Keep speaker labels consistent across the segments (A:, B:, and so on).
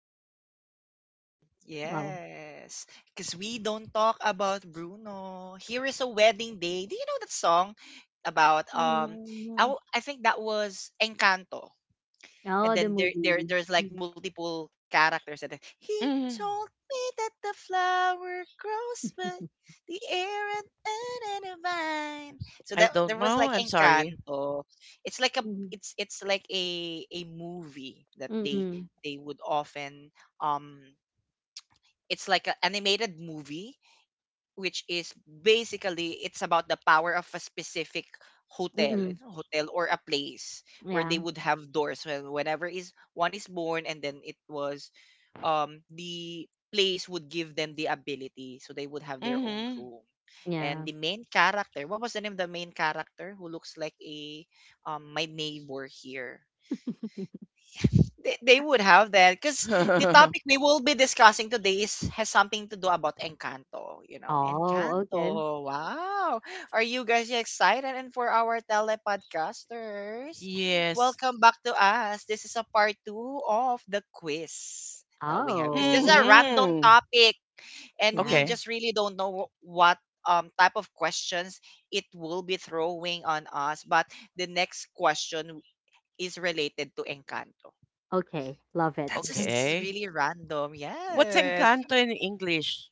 A: about Bruno.
B: Wow.
A: Yes, because we don't talk about Bruno. Here is a wedding day. Do you know that song about? I,
B: Mm.
A: w- I think that was Encanto, and
B: Oh, the
A: then there there
B: movie.
A: there's like
B: Mm.
A: multiple characters, and then he
C: Hmm.
A: told me that the flower grows but the air and under the vine, so
C: I
A: that
C: don't
A: there was
C: know.
A: like
C: I'm sorry.
A: Encanto. It's like a,
B: Mhm.
A: it's like a movie that they
B: Mm.
A: they would often, um it's like an animated movie, which is basically it's about the power of a specific hotel,
B: Mm.
A: hotel or a place where they
B: Yeah.
A: would have doors when whenever is one is born. And then it was the place would give them the ability, so they would have their own
C: Hmm.
A: room. And
B: Yeah.
A: the main character, what was the name of the main character who looks like a, my neighbor here? They would have that because the topic we will be discussing today is has something to do about Encanto.
B: Oh, okay.
A: Encanto. Wow. Are you guys excited? And for our telepodcasters,
C: Yes.
A: welcome back to us. This is a part two of the quiz that we have because this is
B: Oh,
A: a random
C: Hmm.
A: topic, and
B: yeah.
A: we
C: Okay.
A: just really don't know what type of questions it will be throwing on us, but the next question is related to Encanto.
B: Okay, love it.
A: That's just
C: Okay.
A: really random.
C: What's
A: Yes.
C: Encanto in English?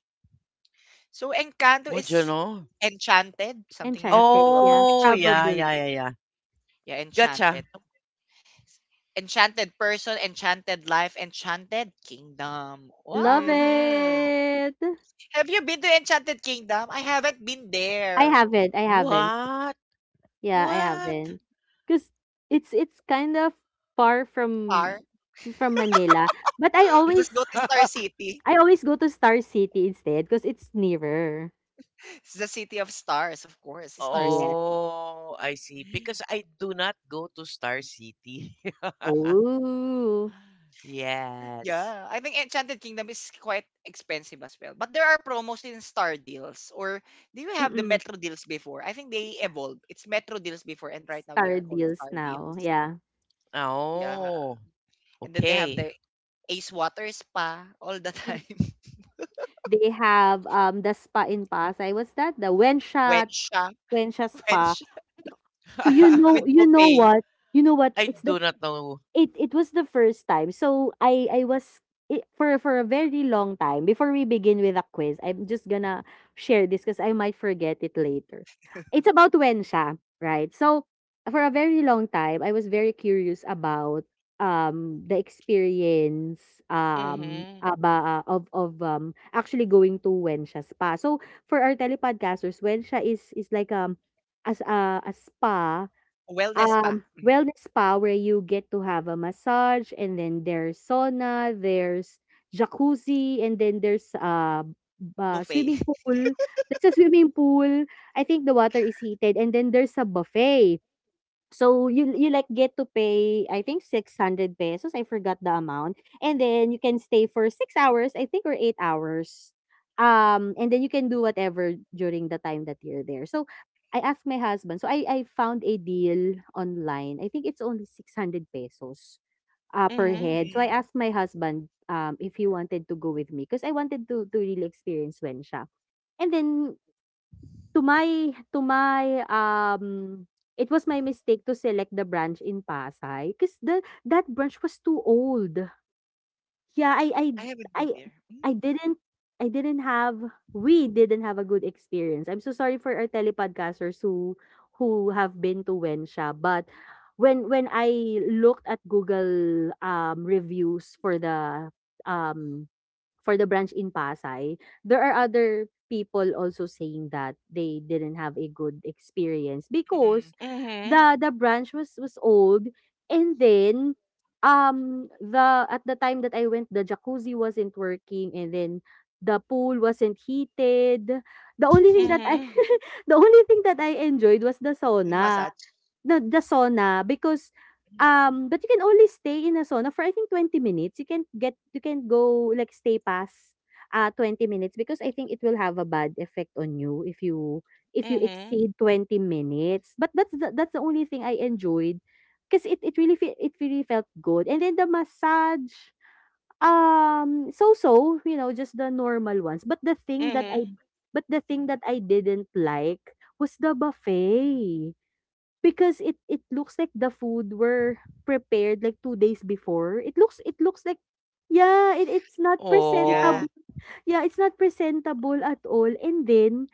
A: So Encanto
C: What do you
A: is
C: know?
A: enchanted. Something you had to
B: Enchanted,
A: do about
B: yeah,
C: Oh,
A: enchanted.
C: yeah, yeah,
A: Yeah,
B: probably.
C: yeah, yeah.
A: yeah,
C: Gotcha.
A: enchanted. So, enchanted person, enchanted life, Enchanted Kingdom. Wow.
B: Love
C: Hmm.
B: it!
A: Have you been to Enchanted Kingdom? I haven't been
B: I
A: there.
B: haven't, I haven't.
C: What?
B: Yeah, I
C: What?
B: haven't. Not cause it's kind of far
A: Star.
B: from Manila, but
A: Just go to Star City.
B: I always go to Star City instead, cause it's nearer.
A: It's the city of stars, of course. Star City.
B: Yes.
C: Oh, I see. Because I do not go to Star City.
B: Oh,
C: Yes.
A: Yeah, I think Enchanted Kingdom is quite expensive as well. But there are promos in Star Deals. Or do you have the
B: mm.
A: Metro Deals before? I think they evolved. It's Metro Deals before, and right now they
B: Star
A: are called
B: deals
A: Star
B: now,
A: Deals.
B: yeah.
A: Yeah.
C: Oh,
A: And then they have
C: okay.
A: the Ace Water Spa all the
B: Mm,
A: time.
B: they have, the spa in Pasay, what's that? The Wensha
A: Wensha,
B: Spa.
A: Wensha.
B: Oh,
A: With buffet,
B: You know what?
C: I
B: It's
C: do not know.
B: it it was the first time. So I was for a very long time before we begin with a quiz. I'm just gonna share this because I might forget it later. It's about when siya, right? So for a very long time, I was very curious about the experience
C: Mhm.
B: aba of actually going to Wensha spa. So for our telepodcasters, Wensha is like as a spa.
A: wellness spa, mm,
B: Wellness spa where you get to have a massage, and then there's sauna, there's jacuzzi, and then there's,
A: buffet.
B: swimming pool. There's a swimming pool. I think the water is heated, and then there's a buffet. So you like get to pay, I think, 600 pesos. I forgot the amount, and then you can stay for 6 hours, I think, or 8 hours. And then you can do whatever during the time that you're there. So I asked my husband, so I found a deal online. I think it's only 600 pesos, per
C: Mhm.
B: head. So I
A: Mm,
B: asked my husband, if he wanted to go with me because I wanted to really experience Wensha. And then To my to my, um it was my mistake to select the branch in Pasay, because the that branch was too old. Yeah, I I
A: I haven't
B: I
A: been there.
B: I
A: Mm,
B: didn't I didn't have we didn't have a good experience. I'm so sorry for our telepodcasters who have been to Wensha, but when I looked at Google, reviews um for the branch in Pasay, there are other people also saying that they didn't have a good experience because
A: mm,
C: Mhm.
B: the branch was old, and then the at the time that I went, the jacuzzi wasn't working, and then the pool wasn't heated. The only thing that I
C: Mhm.
B: the only thing that I enjoyed was the
A: it's
B: sauna.
A: massage.
B: The sauna because,
A: Mm,
B: but you can only stay in a sauna for, I think, 20 minutes. You can get you can go like stay past, 20 minutes because I think it will have a bad effect on you if you if you
C: Mhm.
B: exceed 20 minutes. But that's the only thing I enjoyed because it really fe it really felt good. And then the massage, so-so, just the normal ones. But the thing that I
C: Mhm.
B: but the thing that I didn't like was the buffet. Because it looks like the food were prepared like 2 days before. It looks like yeah, it it's not
A: yeah.
B: presentable.
C: Oh.
B: Yeah, it's not presentable at all, and then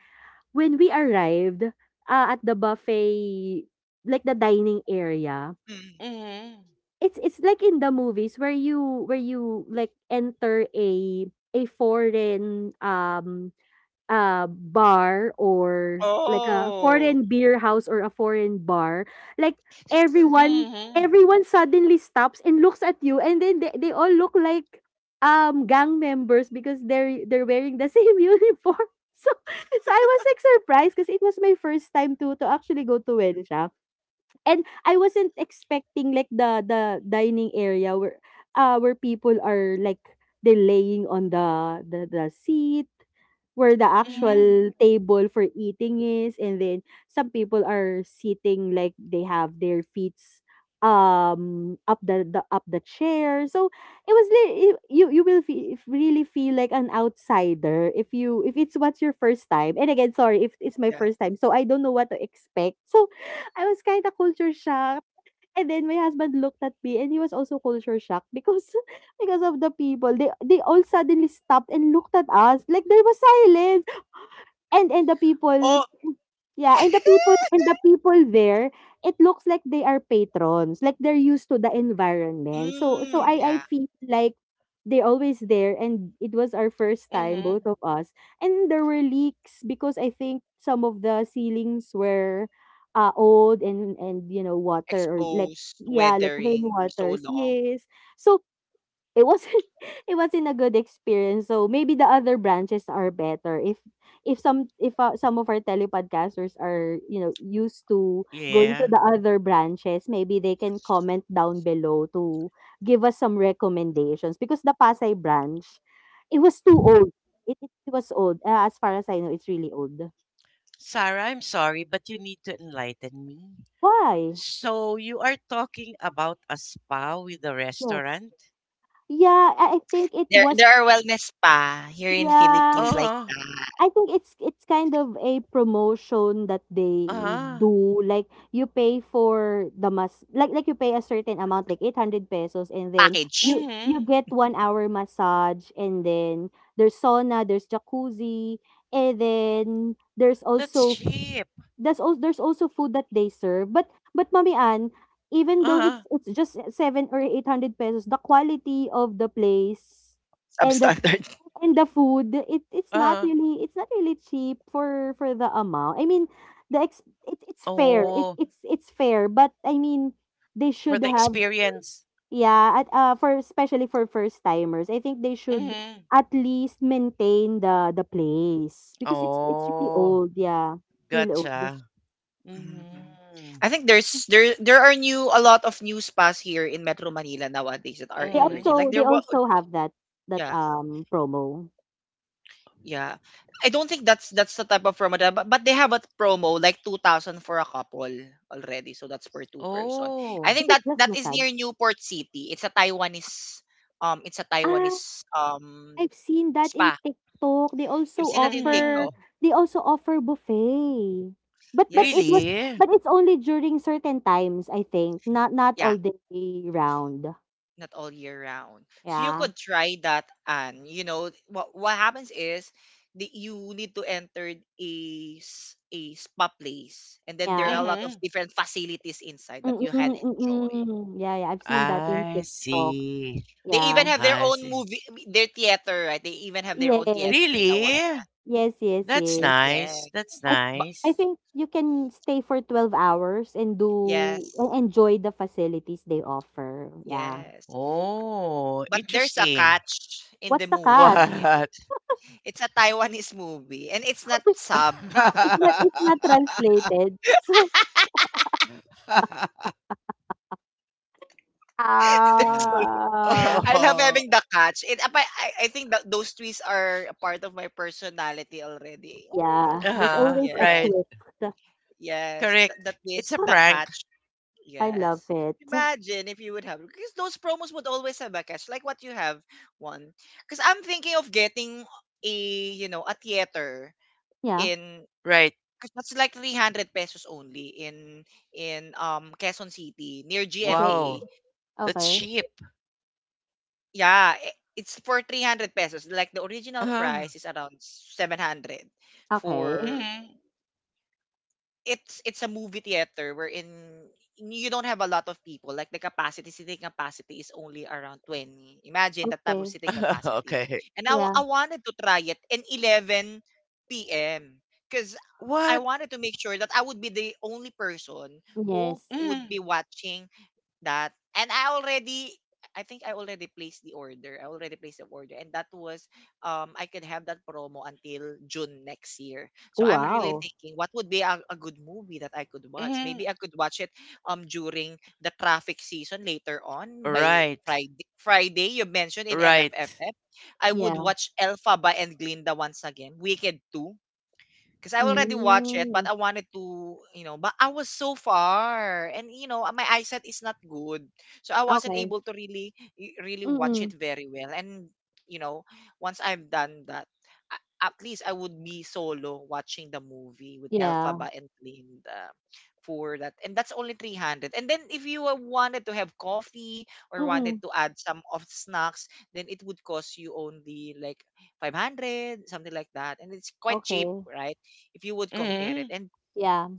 B: when we arrived, at the buffet, like the dining area,
A: Mm.
C: Mhm.
B: it's like in the movies where you like enter a foreign, bar or like a foreign
A: Oh.
B: beer house or a foreign bar, like
A: Just,
B: everyone
C: Mhm.
B: everyone suddenly stops and looks at you, and then they all look like gang members because they're wearing the same uniform. So so I was like surprised because it was my first time to actually go to Wensha. And I wasn't expecting like the dining area where people are like they're laying on the the seat where the
C: Mhm.
B: actual table for eating is, and then some people are sitting like they have their feet up the up the chair. So it was you if really feel like an outsider if you if it's what's your first time, and again sorry if it's my
A: yeah.
B: first time, so I don't know what to expect. So I was kind of culture shock. And then my husband looked at me and he was also culture shocked because because of the people. They all suddenly stopped and looked at us, like there was silence. And the people
A: Oh.
B: Yeah, and the people there, it looks like they are patrons, like they're used to the environment. So so
A: Mm,
B: I
A: yeah.
B: feel like they're always there, and it was our first time,
C: Mhm.
B: both of us. And there were leaks because I think some of the ceilings were old, and you know, water or like
A: Exposed,
B: yeah, like
A: weathering for so
B: rainwaters.
A: long.
B: Yes. So it wasn't it wasn't a good experience, so maybe the other branches are better. If some of our telepodcasters are, you know, used to going to
C: Yeah.
B: the other branches, maybe they can comment down below to give us some recommendations, because the Pasay branch, it was too old. It was old. As far as I know, it's really old.
C: Sarah, I'm sorry, but you need to enlighten me.
B: Why?
C: So you are talking about a spa with a
B: Yes.
C: restaurant?
B: Yeah, I I think it
A: There
B: was
A: are wellness spa here in Philippines
B: yeah.
C: Oh.
A: like
C: Huh.
A: that.
B: I think it's kind of a promotion that they
C: Uh-huh.
B: do. Like you pay for the mas like you pay a certain amount, like 800 pesos, and then you
A: Package.
B: you
C: Mm-hmm.
B: get 1 hour massage, and then there's sauna, there's jacuzzi, and then there's
C: That's
B: also
C: cheap.
B: there's also food that they serve. But Mami Ann, even though
C: Uh-huh.
B: it's just seven or eight hundred pesos, the quality of the place and the
A: Substandard.
B: and the food,
C: Uh-huh.
B: it's not really cheap for the amount. I mean, the ex it's fair.
C: Oh,
B: It's fair, but I mean, they
C: for
B: should
C: the
B: have
C: experience.
B: yeah, at for especially for first timers. I think they should
C: Mm-hmm.
B: at least maintain the place because it's really
C: Oh,
B: old, yeah. Really old.
C: gotcha.
A: Mhm.
C: Mhm.
A: I think there are new a lot of new spas here in Metro Manila nowadays that are
B: They
C: Mhm.
A: emerging. Like
B: also
A: there was.
B: have that
A: Yeah.
B: promo.
A: Yeah. I don't think that's the type of promo that, but they have a promo like 2000 for a couple already, so that's per two person. I
C: Oh.
B: Is
A: think that
B: it just
A: that is near
B: massage?
A: Newport City. It's a Taiwanese, it's a
B: Ah,
A: Taiwanese,
B: I've seen that in
A: spa.
B: TikTok. They
A: You've
B: also
A: seen that in
B: offer
C: Mhm.
A: TikTok?
B: buffet. But it was
A: Yes.
C: Really?
B: but it's only during certain times, I think. Not
A: Yeah.
B: all day round.
A: Not all year round. So you
B: Yeah.
A: could try that, and you know what happens is you need to enter a a spa place, and then there are
B: Yeah.
A: a lot of
C: Mhm.
A: different facilities inside that you can enjoy.
B: Mm. Yeah, yeah. I've seen that in
C: I
B: TikTok.
C: see.
A: They even
B: Yeah.
A: have their
C: I
A: own
C: see.
A: movie, their theater, right? They even have their own theater,
B: Yes.
A: the one.
C: Really?
B: Yes, yes,
C: That's
B: yes.
A: Yeah,
C: nice. That's
B: I
A: but
B: I
C: nice.
B: think you can stay for 12 hours and do
A: yes,
B: and enjoy the facilities they offer. Yeah.
A: yes.
C: Oh,
A: But there's a
C: interesting.
A: catch in the
B: What's the cut?
C: What?
A: movie. It's a Taiwanese movie, and it's not
B: Sorry.
A: sub.
B: It's not translated. So,
A: There's always,
B: ah,
A: I love
C: Oh.
A: having the catch. It apa I think that those tweets are a part of my personality already. Oh,
B: yeah, there's
C: Uh-huh.
B: always a
A: yes.
C: Right.
B: twist.
A: Yes, the
C: Correct. It's
A: twist,
C: a
A: the
C: prank.
A: catch.
B: I love
A: Yes.
B: it.
A: Imagine if you would have, because those promos would always have a catch like what you have one. Cuz I'm thinking of getting a, you know, a theater
B: Yeah.
A: in,
C: Right.
A: cuz that's like 300 pesos only in Quezon City near
B: Okay.
C: Wow.
A: GMA.
C: That's
B: Okay.
C: cheap.
A: Yeah, I it's for 300 pesos. Like the original
C: Uh-huh.
A: price is around 700.
B: Okay.
A: for
C: Mhm.
A: it's it's a movie theater wherein you don't have a lot of people. Like the capacity, seating capacity is only around 20. Imagine that type of
B: Okay.
A: seating capacity.
C: Okay.
A: And I, wa-
B: Yeah.
A: I wanted to try it in 11 p.m. because I
C: What?
A: wanted to make sure that I would be the only person who
B: Yes.
A: would
C: Mm,
A: be watching that. And I already, I think I already placed the order. I already placed the order, and that was I could have that promo until June next year. So I'm really
B: Wow.
A: thinking what would be a good movie that I could watch.
C: mm,
A: Maybe I could watch it during the traffic season later on by
C: right.
A: Friday. Friday, you mentioned in
C: Right.
A: MMFF. I would
B: Yeah.
A: watch Elphaba and Glinda once again, Wicked 2, because I already watched it, but
B: Mm.
A: I wanted to, but I was so far, and you know, my eyesight is not good, so I wasn't
B: Okay.
A: able to really, really watch
B: Mm.
A: it very well. And you know, once I've done that, at least I would be solo watching the movie with Elphaba
B: Yeah.
A: and Linda for that, and that's only 300. And then if you wanted to have coffee or wanted
B: Mm.
A: to add some of snacks, then it would cost you only like 500, something like that, and it's quite cheap,
B: Okay.
A: right, if you would compare it.
C: Mm,
A: And
B: Yeah.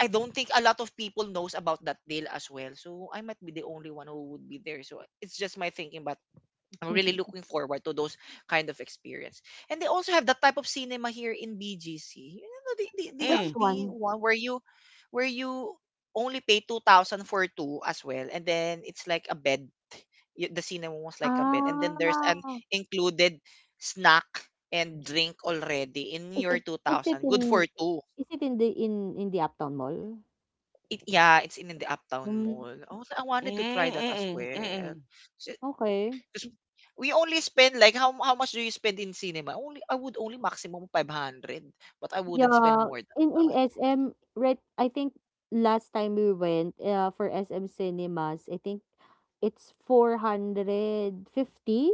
A: I don't think a lot of people knows about that deal as well. So I might be the only one who would be there. So it's just my thinking, but I'm really looking forward to those kind of experience. And they also have that type of cinema here in BGC. You know, the the the, uh,
B: Which
C: mm,
A: the
B: one?
A: one where you only pay 2000 for two as well, and then it's like a bed. The cinema was like a bed, and then there's an
B: Ah,
A: included snack and drink already in
B: is
A: your
B: it is it
A: 2000, good
B: in
A: for two.
B: is it in the in the Uptown Mall?
A: It Yeah, it's in the Uptown
B: Mm,
A: Mall. Oh, I
C: mm,
A: wanted to try that as
C: mm, mm, mm,
A: well. So,
B: okay.
A: 'cause we only spend like, how much do you spend in cinema? Only I would only maximum 500, but I wouldn't spend
B: Yeah,
A: more than
B: in
A: that.
B: SM, right? I think last time we went, for SM Cinemas, I think it's 450.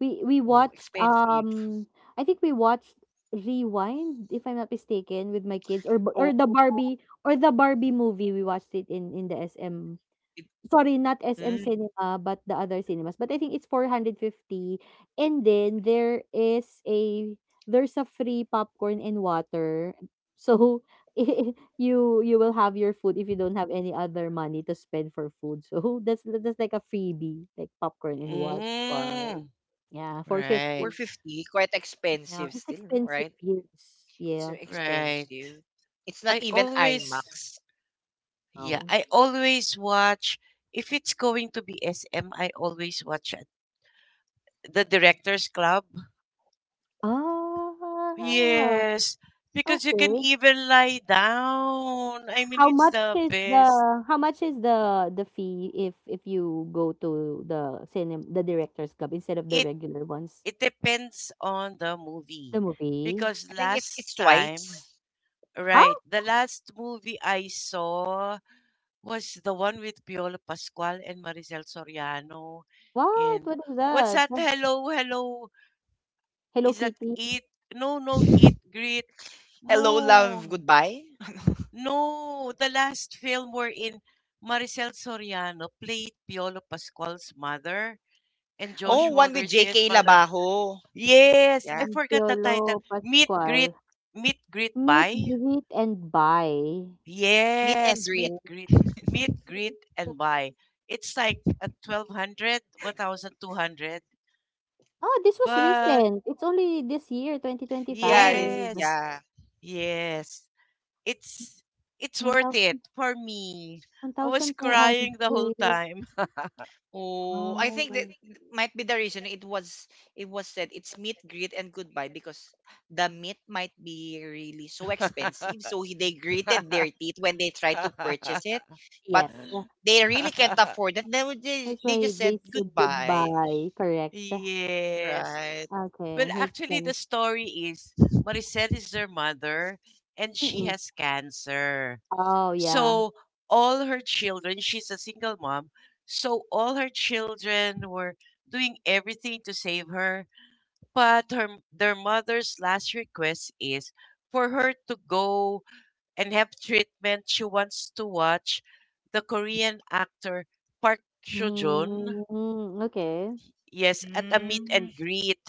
B: We
A: Oh,
B: watched
A: expensive.
B: I think we watched Rewind, if I'm not mistaken, with my kids,
A: Oh,
B: or the Barbie movie. We watched it in the SM.
A: it,
B: Sorry, not SM
A: mm,
B: Cinema, but the other cinemas. But I think it's 450. And then there is a there's a free popcorn and water. So you will have your food if you don't have any other money to spend for food. So that's like a freebie, like popcorn and water.
A: wow.
C: mm.
B: Yeah,
C: Right.
B: 450.
A: 450, quite
B: Yeah,
A: expensive
B: it's
A: still, no? Right?
B: expensive. Yes.
A: So
B: Yeah.
C: Right.
A: expensive. It's not
C: I
A: even
C: always,
A: IMAX.
C: yeah,
B: Oh.
C: I always watch, if it's going to be SM, I always watch The Directors Club.
B: Ah.
C: Yes. Because you can
B: Okay.
C: even lie down. I mean,
B: How
C: it's
B: much
C: the
B: is
C: best.
B: the the fee if you go to the cinema, the Directors Club, instead of the
C: It
B: regular ones?
C: it depends on the movie,
B: The movie?
C: because
A: I think it's
C: last time
A: twice.
B: Huh?
C: right, the last movie I saw was the one with Piolo Pascual and Maricel Soriano.
B: What?
C: And
B: What is
C: what's
B: that?
C: that, hello, hello, is
B: Hello
C: that
B: Kitty,
C: it? No, no, it great.
A: Hello, love,
C: No,
A: goodbye.
C: no, the last film we're in, Maricel Soriano played Piolo Pascual's mother and
A: Oh,
B: mm,
C: Joshua
A: one with
C: Garcia's
A: JK
C: mother.
A: Labajo.
C: Yes,
A: Yeah.
C: I forgot the title.
B: Piolo Pascual.
C: Meet greet
B: Meet,
C: buy.
B: greet, and buy.
A: Meet and
C: Yes,
A: greet.
B: Oh,
C: meet greet and buy. It's like a 1200, 1200.
B: oh, this was
C: But
B: recent. It's only this year,
A: Yeah,
B: 2025.
A: this,
C: yes,
A: yeah.
C: yes. It's it's worth it
B: 1,000,
C: for me. I was
A: But-
C: crying the whole
B: 1,200.
C: time.
A: Oh, I
B: Oh,
A: think that might be the reason. It was, said it's meet greet and goodbye because the meat might be really so expensive. So they gritted their teeth when they tried to purchase it, but
B: yes.
A: they really can't afford it. They would- they,
B: That's
A: they
B: why
A: just said
B: they said
A: goodbye,
B: goodbye, correct?
C: Yes.
A: right?
C: Well,
B: Okay, makes
C: actually, the
B: sense.
C: story is Maricel is their mother, and she
B: Mm-mm.
C: has cancer.
B: Oh,
C: So,
B: yeah.
C: all her children, she's a single mom, so all her children were doing everything to save her. But her, their mother's last request is for her to go and have treatment. She wants to watch the Korean actor Park Seo Joon,
B: Mm, okay.
C: yes, at a meet
A: Mm,
C: and greet.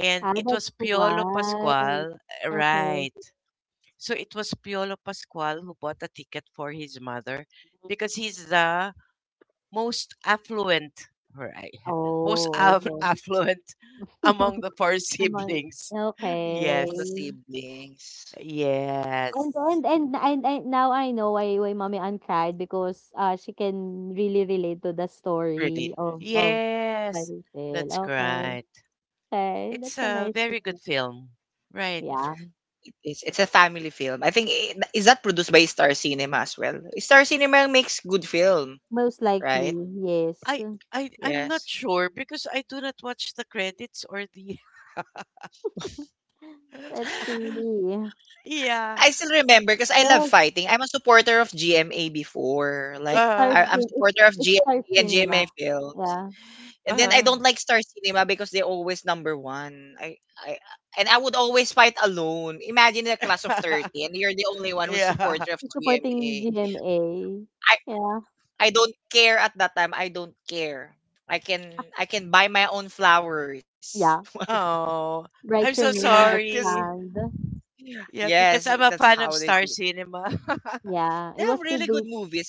C: And
B: Ah,
C: it was
B: that's
C: Piolo
B: why.
C: Pascual,
B: Okay.
C: right? So it was Piolo Pascual who bought a ticket for his mother because he's the most affluent, right? Most
B: Oh, okay.
C: affluent among the four
B: Come on.
C: siblings. Yes,
B: Okay.
A: among the siblings,
C: yes,
B: And now I know why Mommy Ann cried, because she can really relate to the
A: really.
B: story of
C: yes.
B: Maricel.
C: That's
B: Okay.
C: right.
B: Okay,
C: It's
B: that's a
C: a
B: nice
C: very good
B: thing.
C: film, right?
B: Yeah.
A: It's a family film. I think is that produced by Star Cinema as well. Star Cinema makes good film.
B: Most likely,
A: Right?
B: yes.
C: I I'm not
A: Yes.
C: sure because I do not watch the credits or the
B: Let's see.
C: Yeah.
A: I still remember because I love
B: Well,
A: fighting. I'm a supporter of GMA before. Like
B: it's Star
A: I,
C: Uh.
A: I'm
B: Cin It
A: supporter of
B: it's Star
A: GMA and GMA
B: Cinema.
A: films.
B: Yeah.
A: And then I
C: Uh.
A: don't like Star Cinema because they're always number one. I, I and I would always fight alone. Imagine a class of 30, and you're the only one who's
C: Yeah.
A: supporter of GMA.
B: Supporting GMA.
A: I
B: Yeah.
A: I don't care at that time. I don't care. I can I can buy my own flowers.
B: Yeah.
C: Oh, I'm
B: Write your
C: so
B: name on the
A: Because
C: sorry.
B: stand.
C: Yeah,
A: yes,
C: because I'm a
A: that's
C: fan
A: how
C: of
A: they do.
C: Star Cinema.
A: They
B: Yeah. It
A: have
B: was
A: really good
B: produced.
A: movies.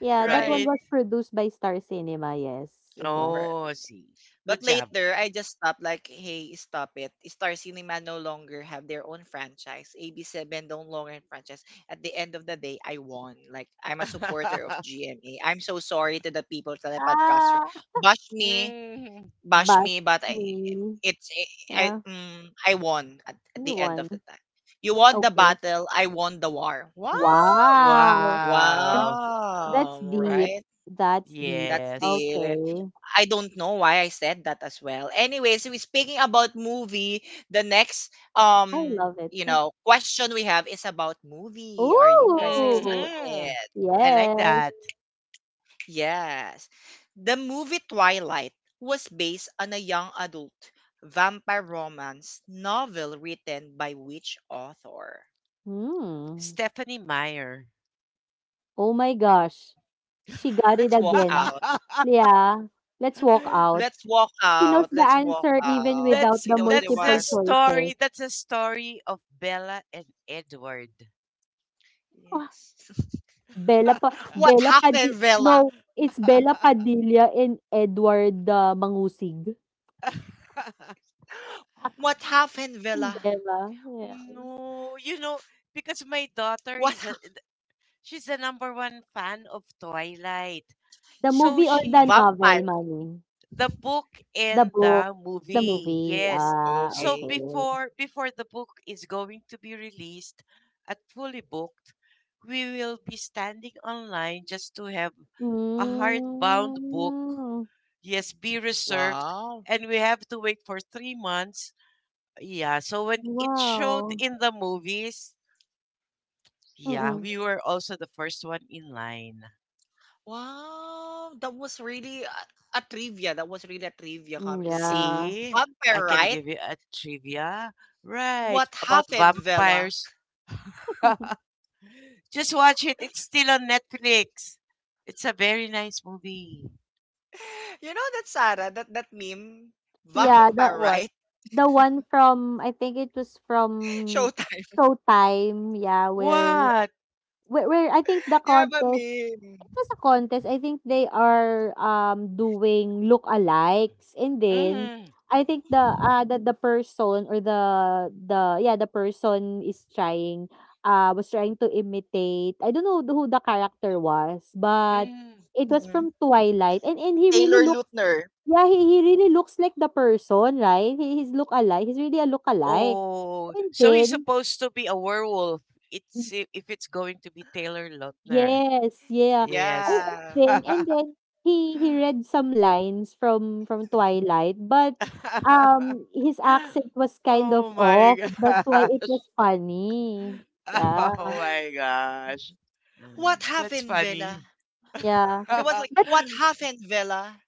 B: Yeah, that
A: Right.
B: one
C: Right.
B: was produced by Star Cinema. Yes, it was.
A: Right.
C: Oh, I see.
A: But
C: Good job.
A: later, I just stopped like, hey, stop it. Star Cinema no longer have their own franchise. AB7 no longer franchise. At the end of the day, I won. Like, I'm a supporter of GMA. I'm so sorry to the people, telepodcaster.
B: Ah,
A: Bash me,
C: Mm.
A: bash me, but
B: Basmi.
A: it's,
B: Yeah.
A: I won
B: New
A: at the end of
B: one.
A: the time. You won the
B: Okay.
A: battle. I won the war. Wow.
B: Wow.
C: Wow.
B: That's
A: Wow.
B: deep.
A: Right.
B: That's deep.
A: That's
C: Yes.
A: the
B: Okay.
A: I don't know why I said that as well. Anyways, we speaking about movie. The next um
B: I love it.
A: question we have is about movie. Are you guys
B: Ooh,
C: Hmm.
A: excited?
C: I like
B: yes.
C: that.
A: Yes. The movie Twilight was based on a young adult vampire romance novel written by which author?
B: Hmm.
C: Stephanie Meyer.
B: Oh my gosh. She got it
A: Let's walk
B: again.
A: out.
B: Yeah, let's walk out.
A: Let's walk
B: She knows
A: out.
B: the
A: Let's walk
B: answer even
A: out.
B: without
C: that's
A: She
B: the
A: knows the
C: that's the
B: multiple
A: words.
C: story.
B: choices.
C: That's the story of Bella and Edward.
B: Ah,
A: Yes.
B: Bella pa
A: What
B: Bella Padi
A: happened, Villa?
B: No, it's Bella Padilla and Edward, Mangusig.
A: What happened, Villa?
B: Bella, yes.
C: No, you know, because my daughter
A: What
C: is
A: hap
C: she's the number one fan of Twilight.
B: The
C: So
B: movie
A: Yes.
B: or the
C: she
B: novel,
A: Vampire.
B: Manny?
C: the book and
B: The
C: the
B: book, the
C: movie.
B: movie.
C: Yes.
B: Ah,
C: So
A: Okay.
B: okay.
C: before the book is going to be released at Fully Booked, we will be standing online just to have a hardbound book.
B: Mm,
C: Yes, be reserved,
A: Wow.
C: and we have to wait for 3 months. Yeah, so when it showed
B: wow.
C: in the movies, yeah,
B: Mm-mm.
C: we were also the first one in line.
A: Wow. That was really a trivia. That was really a trivia
B: Mm,
A: comment because
B: yeah.
C: See, I
A: vampire,
C: can
A: right?
C: give you a trivia. Right,
A: What
C: about
A: happened, Villa?
C: vampires. Just watch it. It's still on Netflix. It's a very nice movie.
A: You know that, Sarah, that that meme,
B: Yeah,
A: vampire,
B: the
A: right?
C: What?
B: the one from I think it was from
A: Showtime.
B: Showtime, yeah, where
C: What?
B: where, where I think the
A: They have a
B: contest,
A: meme.
B: it was a contest. I think they are doing look alikes, and then
C: Mm,
B: I think the person or the person is trying was trying to imitate. I don't know who the character was, but
C: mm.
B: it was
A: Mm.
B: from Twilight, and he really
A: Taylor
B: looks.
A: Lautner.
B: Yeah, he really looks like the person, right? He's look alike, he's really a look alike.
C: Oh,
B: And
C: so he's
B: then
C: supposed to be a werewolf. It's if it's going to be Taylor Lautner.
B: yes, yeah. Oh,
C: Yes.
B: and
A: Yeah.
B: then he read some lines from Twilight, but his accent was kind
C: Oh
B: of
C: my
B: off. That's
C: god.
B: why it was funny.
C: Oh
B: Yeah.
C: my gosh.
A: What
C: That's
A: happened, Villa?
C: funny.
B: Yeah.
A: It was like,
B: But
A: what happened, Villa?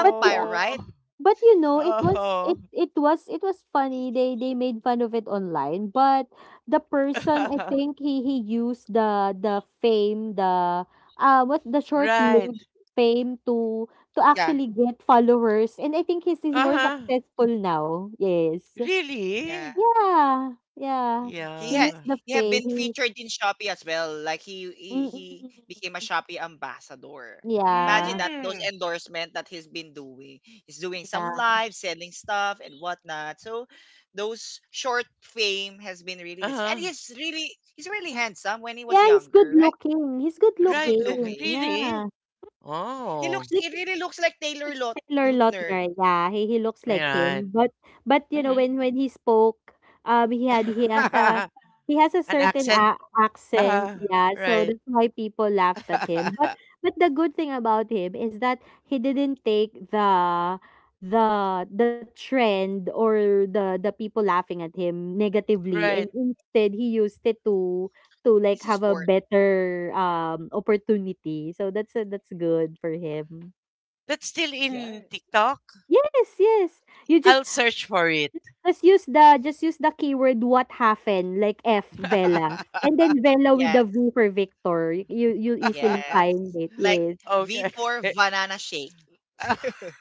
B: but
A: right?
B: You know, it was
C: Oh.
B: it was it was funny. They made fun of it online, but the person, I think he used the fame, the what's the short
C: Right.
B: lived fame to
A: Yeah,
B: actually get followers, and I think he's more
C: Uh-huh.
B: successful now. Yes,
A: yeah.
C: Really?
B: yeah, yeah.
A: He had
B: He
C: Yeah.
B: used the
A: he had
B: fame.
A: been
B: He's
A: featured in Shopee as well. Like he
B: mm-mm.
A: became a Shopee ambassador. Imagine
B: Yeah,
A: that those
C: Mm.
A: endorsement that he's been doing. He's doing some
B: yeah,
A: live selling stuff and whatnot. So those short fame has been really this, and
C: Uh-huh.
A: he's really handsome when he
B: yeah.
A: was
B: He's good
A: younger, right?
B: looking. He's good
A: He's
C: Right.
A: good
B: looking.
A: looking.
B: Yeah.
C: Really?
A: He
C: Oh.
A: looks he really looks like Taylor Lot
B: Taylor Lautner,
A: Lautner.
B: yeah, he looks like
C: Right.
B: him, but you know,
C: Mm.
B: when he spoke, he has a
C: An
B: certain
C: accent?
B: a accent,
C: Uh,
B: yeah, so
C: right.
B: that's why people laughed at him, but the good thing about him is that he didn't take the trend or the people laughing at him negatively, and
C: Right.
B: instead he used it to like,
A: He's a
B: have a
A: sport.
B: better, opportunity, so that's good for him.
C: That's still
A: Yeah.
C: in TikTok.
B: Yes, yes. You
C: I'll search for it.
B: just use the keyword "what happened," like F, Vela, and then Vela with
A: Yes.
B: the V for Victor. You easily
A: Yes.
B: find it.
A: Like
B: Yes.
C: Okay.
A: V4 banana shake.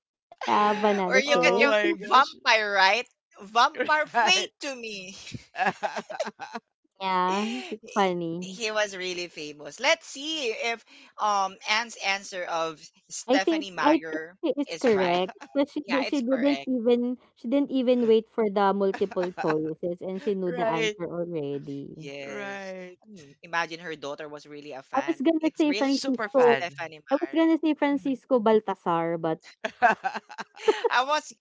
B: Yeah, banana
A: Or you
B: shape.
A: could
C: Oh
A: give
C: my gosh.
A: vampire, right? Vampire fate to me.
C: Right.
B: Yeah, it's
A: He
B: funny.
A: he was really famous. Let's see if Anne's answer of Stephanie
B: I think
A: Meyer
B: she is
A: is right.
B: correct. But
A: Yeah,
B: she
A: it's
B: didn't
A: correct.
B: even wait for the multiple choices and she knew the
C: Right.
B: answer already.
A: Yes.
C: Right.
A: Imagine her daughter was really a
B: I was
A: fan.
B: gonna
A: It's
B: say
A: really
C: Super
B: Francisco.
C: fan.
A: Stephanie
B: I was
A: Meyer.
B: gonna say
C: Mm.
B: Francisco Baltasar, but
A: I was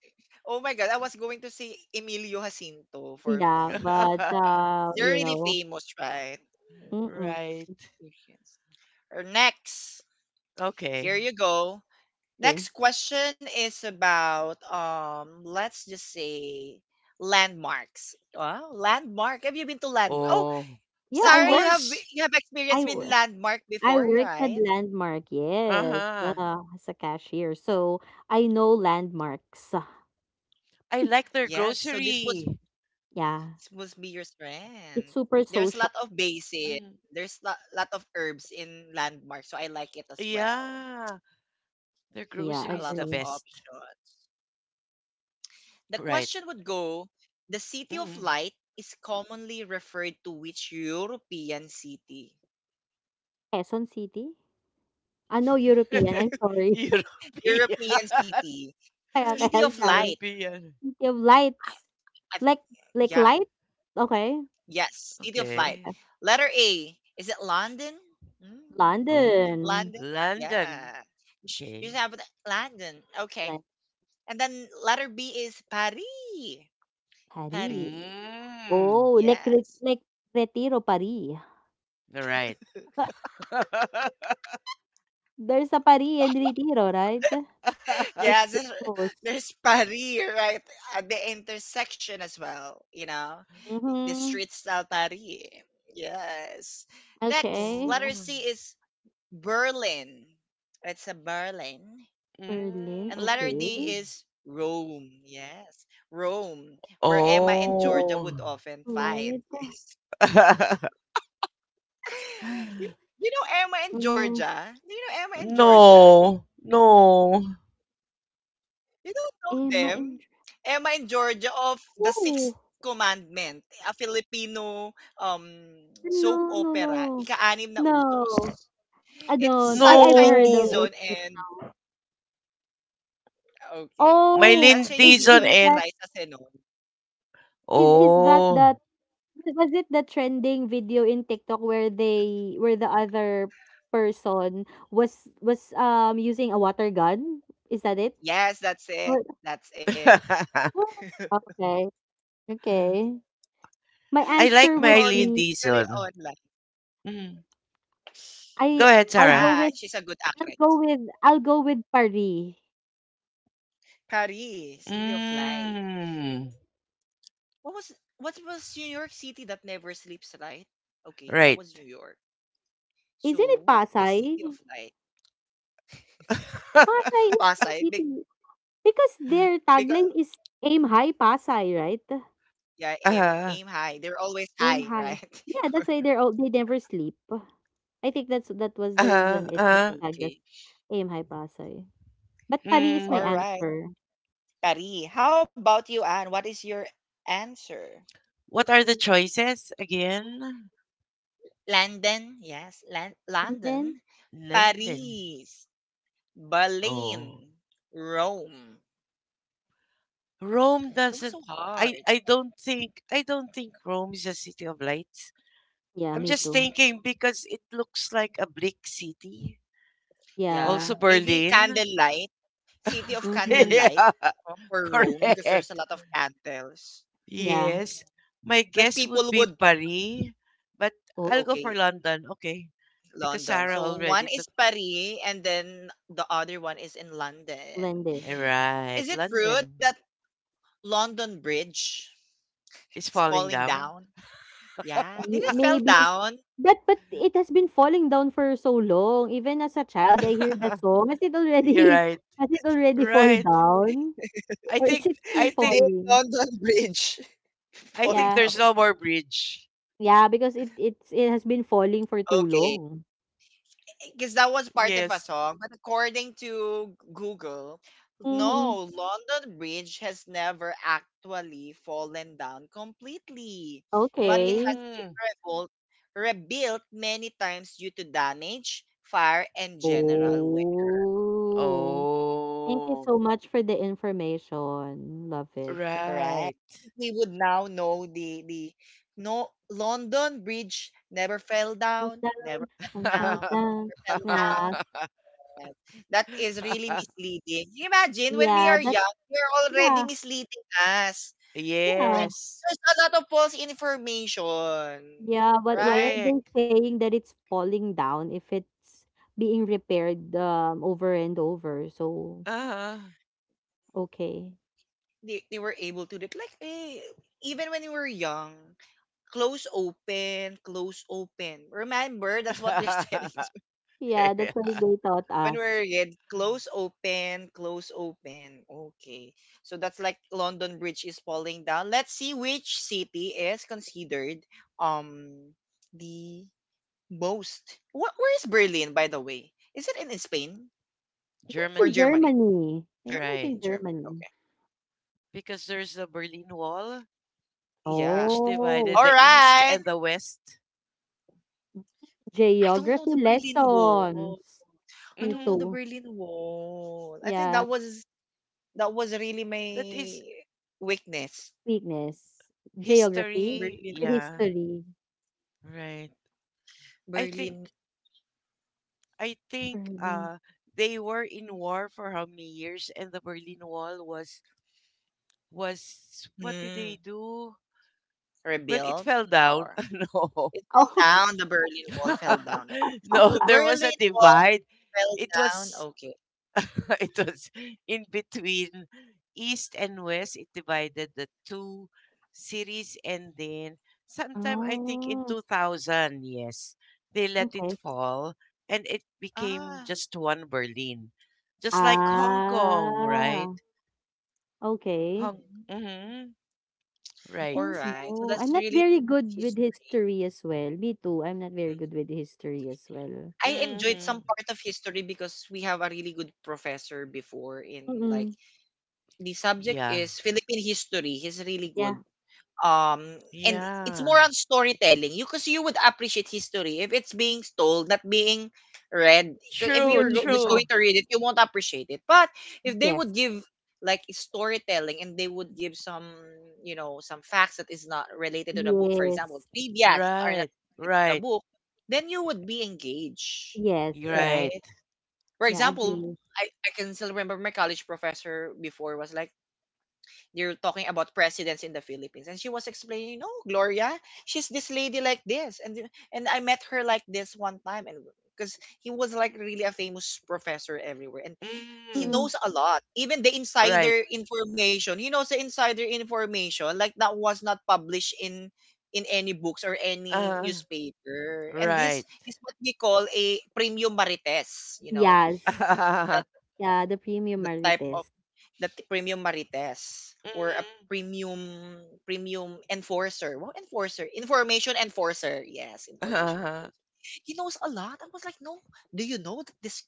A: Oh my god, I was going to say Emilio Jacinto for
B: yeah,
A: me.
B: but,
A: You're really famous, right? Mm.
B: mm,
C: Right.
A: Yes. Or next. Here
C: Okay.
A: you go.
B: okay.
A: Next question is about let's just say landmarks. Wow, landmark. Have you been to landmark? Oh,
C: Oh.
B: Yeah,
C: Of
A: sorry,
C: course.
A: you have experienced
B: I
A: been
B: work.
A: landmark
B: I
A: before,
B: worked at
A: right?
B: Landmark, yes,
C: Uh-huh.
B: as a cashier, so I know landmarks.
C: I like their
A: Yes. So this must
C: grocery.
B: Yeah,
A: this must be your strength.
B: it's super
A: There's a lot
B: social.
A: of bases.
C: Mm.
A: There's a lot of herbs in landmark, so I like it as well.
C: Yeah. Their
B: Yeah,
C: grocery
A: A
C: is the
A: lot
B: agree.
A: of
C: best.
A: options. The
C: Right.
A: question would go, the City of
C: Mm.
A: Light is commonly referred to which European city?
B: Quezon City? Ah, no, European, I'm sorry.
C: European.
A: European city.
B: Kaya kaya
A: City
B: I'm
A: of
B: sorry.
A: Light.
C: European.
B: City of
A: I,
B: Lights.
A: I,
B: Like,
A: yeah,
B: light? Okay.
A: yes, City of Light.
C: Okay.
B: Okay.
A: Letter A. Is it London? Mm,
C: Mm.
B: London.
A: London?
C: London.
A: Yeah. You should
C: Okay.
A: have London. Okay.
B: Like
A: And then letter B is Paris.
B: Paris.
A: Paris.
C: Mm.
B: Oh,
A: Yes.
B: like Retiro, Paris.
C: All right.
B: There's a Paria and Retiro, right? It's
A: Yeah, there's,
B: famous.
A: there's Paris, right? At the intersection as well, you know?
B: Mhm.
A: The street style Paris. Yes.
B: Okay.
A: Next, letter
C: Oh.
A: C is Berlin. It's a Berlin.
B: Berlin,
A: And
B: okay.
A: letter D
C: Mm.
A: is Rome. Yes. Rome, where Emma
B: City
A: and
B: of
A: Georgia
C: Oh.
A: would often
B: Light.
A: fight. Yes. You you know Emma and
B: Mm,
A: Georgia? Do you know Emma and Georgia?
C: No. No.
A: You don't know
B: Emma and
A: them? Emma and Georgia of The Sixth
B: oh,
A: Commandment, a Filipino soap
B: no, no,
A: opera,
B: no.
A: ika-anim na
B: No,
A: utos.
B: I
A: It's
B: don't. I've
A: Sunshine
B: heard of
C: No.
B: it,
A: Dizon
B: but
A: and,
B: no.
A: okay,
C: My
B: Oh,
C: Lind
A: Sunshine
B: is
C: Dizon
A: Dizon and
B: that,
C: and
A: Raisa Senon.
B: is that
C: oh
B: that was it the trending video in TikTok where the other person was using a water gun? Is that it?
A: Yes, that's
B: Or
A: it. That's it.
B: okay, okay. My
C: I
B: answer
C: like
B: would
C: Marilyn
B: be
A: Chronically
C: Dixon.
A: online.
C: Mm.
B: I
C: Go ahead,
B: I'll
C: Sarah.
B: go
A: Yeah,
B: with
A: she's a good
B: I'll
A: actress.
B: go with I'll go with Paris.
A: Paris, City of Light.
C: Mm.
A: What was what was New York City that never sleeps, right? Okay, that
C: Right.
A: was New York. So
B: Isn't it
A: what is City
B: Pasay?
A: of Light?
C: uh,
B: Pasay is the
A: Pasay. Be-
B: city because their
A: because
B: tagline is aim high Pasay, right?
A: yeah, aim
C: uh,
A: aim high. They're always
B: Aim
A: high,
B: high.
A: right?
B: Yeah, that's why they're all they never sleep. I think that was the reason it was
C: uh,
B: tagged as
A: Okay.
B: aim high Pasay. But Paris is my
A: All
C: mm.
A: right.
B: answer.
A: Pari. How about you, Anne? What is your answer?
C: What are the choices again?
A: London, yes, Lan-
B: And then
A: London,
C: London.
A: Paris,
C: Oh,
A: Berlin, Rome.
C: Rome
A: That was
C: doesn't.
A: so hard.
C: I don't think Rome is a city of lights.
B: yeah,
C: I'm
B: me
C: just
B: too.
C: thinking because it looks like a bleak city.
A: Yeah,
B: Yeah.
C: Also
A: maybe
C: Berlin.
A: candlelight, city of
B: Mm-hmm.
A: candlelight
C: Yeah,
A: for Rome because there's a
C: correct.
A: lot of candles.
B: Yeah.
C: Yes. My
A: Like
C: guess would
A: people
C: be
A: would,
C: Paris, but
B: Oh.
C: I'll go for
A: okay,
C: London. Okay. Because
A: London.
C: Sarah
A: So
C: already
A: one
C: took.
A: is Paris and then the other one is in London.
B: Blended.
A: Is
C: Right.
A: it true
C: London
A: that London Bridge
C: is
A: is
C: falling
A: falling
C: down.
A: down? Yeah, did
B: Y
A: it fell
B: Maybe
A: down?
B: that, but it has been falling down for so long. Even as a child, I hear the song. Has it
C: You're
B: already
C: right.
B: has it already fall
C: Right.
B: down?
C: I
B: Or
C: think
B: is it still
C: I think
A: Did
B: falling?
A: London Bridge
C: I
A: fall
C: think
B: Yeah.
C: there's
A: down?
C: no more bridge.
B: Yeah, because it has been falling for too
A: Okay.
B: long.
A: Because that was part of a
C: Yes.
A: song. But according to Google,
B: Mhm.
A: no, London Bridge has never actually fallen down completely, but it has
B: Okay.
A: been
C: Mm.
A: rebuilt, many times due to damage, fire, and general wear.
B: Oh. Thank you
C: Oh.
B: so much for the information. Love it.
A: Right?
C: Right.
A: I think we would now know the no, London Bridge never fell
B: Goes
A: down, never
B: down
A: fell
B: and fell
A: down,
B: down.
A: never fell
B: Yeah.
A: down. Yes, that is really misleading. Imagine when we
B: Yeah,
A: are
B: that's
A: young, we're already
B: Yeah,
A: misleading us. Hey,
B: yeah.
C: Yes.
A: there's a lot of false information,
B: Yeah, but why are
A: right?
B: they
C: Correct.
B: saying that it's falling down if it's being repaired, over and over? So,
C: Uh-huh.
B: okay.
A: They were able to do it. Like, even when we were young, close open, close open. Remember, that's what they're telling us
B: Yeah, that's why they taught
A: when we
B: us.
A: were kid. Close open, close open. Okay. So that's like London Bridge is falling down. Let's see which city is considered um the most. What? Where is Berlin, by the way? Is it in Spain
B: I think it's
A: or
B: in
C: Germany,
A: Germany?
B: Germany. I think it's
A: Germany,
C: right?
B: in
A: Germany.
B: Germany.
A: Okay.
C: Because there's the Berlin Wall,
A: Yeah.
C: which divided
B: Oh,
A: All
C: the East
A: right.
C: and the West.
A: I don't know
B: geography
A: the Berlin Wall.
B: lessons.
A: I
B: Me
A: don't know
C: Mhm.
A: the
B: too.
A: Berlin Wall. I think
B: Yeah,
A: that was really
C: That is
A: my weakness.
B: weakness. Geography
C: history.
A: Berlin
B: or
A: Wall.
C: Yeah,
B: history.
C: right. I think
A: Berlin,
C: I think
B: Berlin.
C: uh they were in war for how many years, and the Berlin Wall was, what did
A: mm,
C: they do? Well, it
A: rebuilt
C: fell down.
A: or
C: No.
A: it fell
B: Oh,
A: down. The Berlin Wall fell down.
C: No,
A: So
C: there
A: Berlin
C: was a
A: Wall
C: divide.
A: fell
C: It
A: down.
C: was
A: Okay.
C: it was in between east and west. It divided the two cities, and then sometime I think in
B: oh,
C: 2000, yes, they let it
B: okay.
C: fall, and it became
A: Ah.
C: just one Berlin, just like Hong Kong,
B: Ah,
C: right.
B: okay.
C: hong Mhm.
B: I
A: All
B: didn't
C: Right.
A: right. So
B: know.
A: that's
B: I'm not
A: really
B: very
A: of
B: good with
A: history.
B: history as well. Me too. I'm not
A: Mm.
B: very good with history as well.
A: I enjoyed some
C: Mhm.
A: part of history because we have a really good professor before in, like,
B: Mm-mm.
A: the subject
C: Yeah.
A: is Philippine history. He's really good.
B: Yeah.
A: um and it's
C: Yeah.
A: more on storytelling, you, because you would appreciate history if it's being told, not being read. 'Cause if
C: True,
A: you're
B: Mm-mm.
A: just
B: Mm-mm.
C: true.
A: going to read it, you won't appreciate it. But if they would
B: Yes.
A: give, like, storytelling, and they would give some, you know, some facts that is not related to the book, for example
B: Yes.
A: trivias that are not
C: Right,
A: related to the
C: right,
A: book, then you would be engaged,
B: Yes. Yeah.
A: right?
C: right.
A: For
B: Yeah.
A: example,
B: Agree.
A: I can still remember my college professor before was like, you're talking about presidents in the Philippines. And she was explaining, no, Gloria, she's this lady like this. and I met her like this one time. And because he was like really a famous professor everywhere. And he
C: Mm,
B: Mm-mm.
A: knows a lot. Even the
C: right.
A: insider information. He knows the insider information. Like that was not published in any books or any
C: uh
A: newspaper. And
C: right.
A: this is what we call a premium marites,
B: Yes.
A: that
B: Yeah. The premium
A: the
B: Marley
A: type of
B: test.
A: the premium marites, or a premium enforcer. Wow, enforcer. Information enforcer. Yes, information
C: Mhm.
A: enforcer. He knows a lot. I was like, no, do you know that this,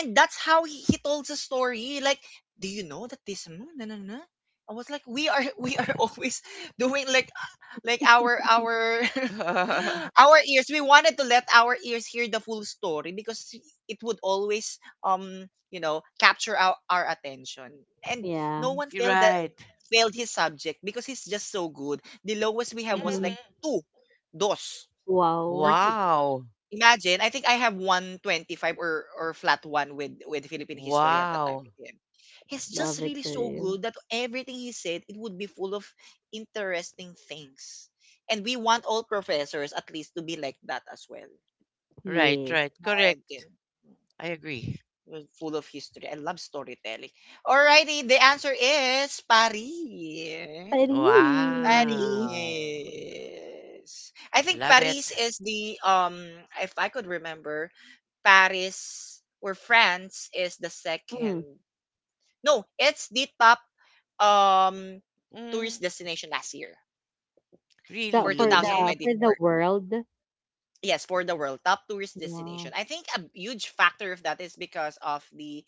A: and that's how he told the story. Like, do you know that this na, na, na, na? I was like, we are we are always doing, like our our our ears, we wanted to let our ears hear the full story because it would always, um capture our attention. And
B: yeah.
A: no one
C: You're
A: failed that
C: right.
A: failed his subject because he's just so good. The lowest we have was
B: Mm-hmm.
C: Mhm.
A: like two, dos,
B: Wow.
A: or two.
C: Wow.
A: Imagine, I think I have 125 or flat one with Philippine history at that time
C: Wow.
A: with him. He's
B: Love
A: just
B: it
A: really
B: for
A: so
B: you.
A: good that everything he said, it would be full of interesting things. And we want all professors at least to be like that as well, right?
C: Right,
B: Yes.
C: right.
A: Again,
C: Correct. I agree.
A: was full of history. I love storytelling. Alrighty, the answer is Paris.
B: Pari.
C: Wow.
A: Paris. I think
C: Love
A: Paris
C: it.
A: is the, if I could remember, Paris or France is the
B: Mm.
A: second. No, it's the top um tourist
C: Mm,
A: destination last year
B: The
A: for
B: for the
C: really?
B: for the
A: 2024.
B: world.
A: Yes, for the world top tourist
B: Wow.
A: destination. I think a huge factor of that is because of the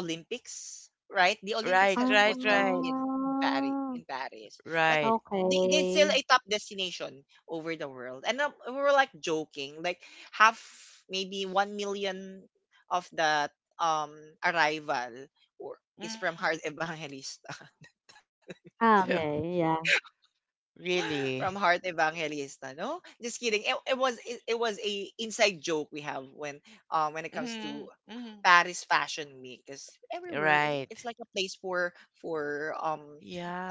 A: Olympics, right? The
C: Right,
A: Olympics
B: Ah.
A: was
C: right,
A: held
C: right.
A: in Paris, but
C: Right.
A: they still
B: Okay.
A: a top destination over the world. And we were like joking, like half maybe 1 million of the um arrival, or is from
C: Mm,
A: Heart Evangelista.
B: Ah, okay, yeah,
A: From
C: really?
A: Heart Evangelista. No, just kidding. It was a inside joke we have when, when it comes to
C: Mm, mm,
A: Paris Fashion Week, because everywhere it's
C: right.
A: like a place for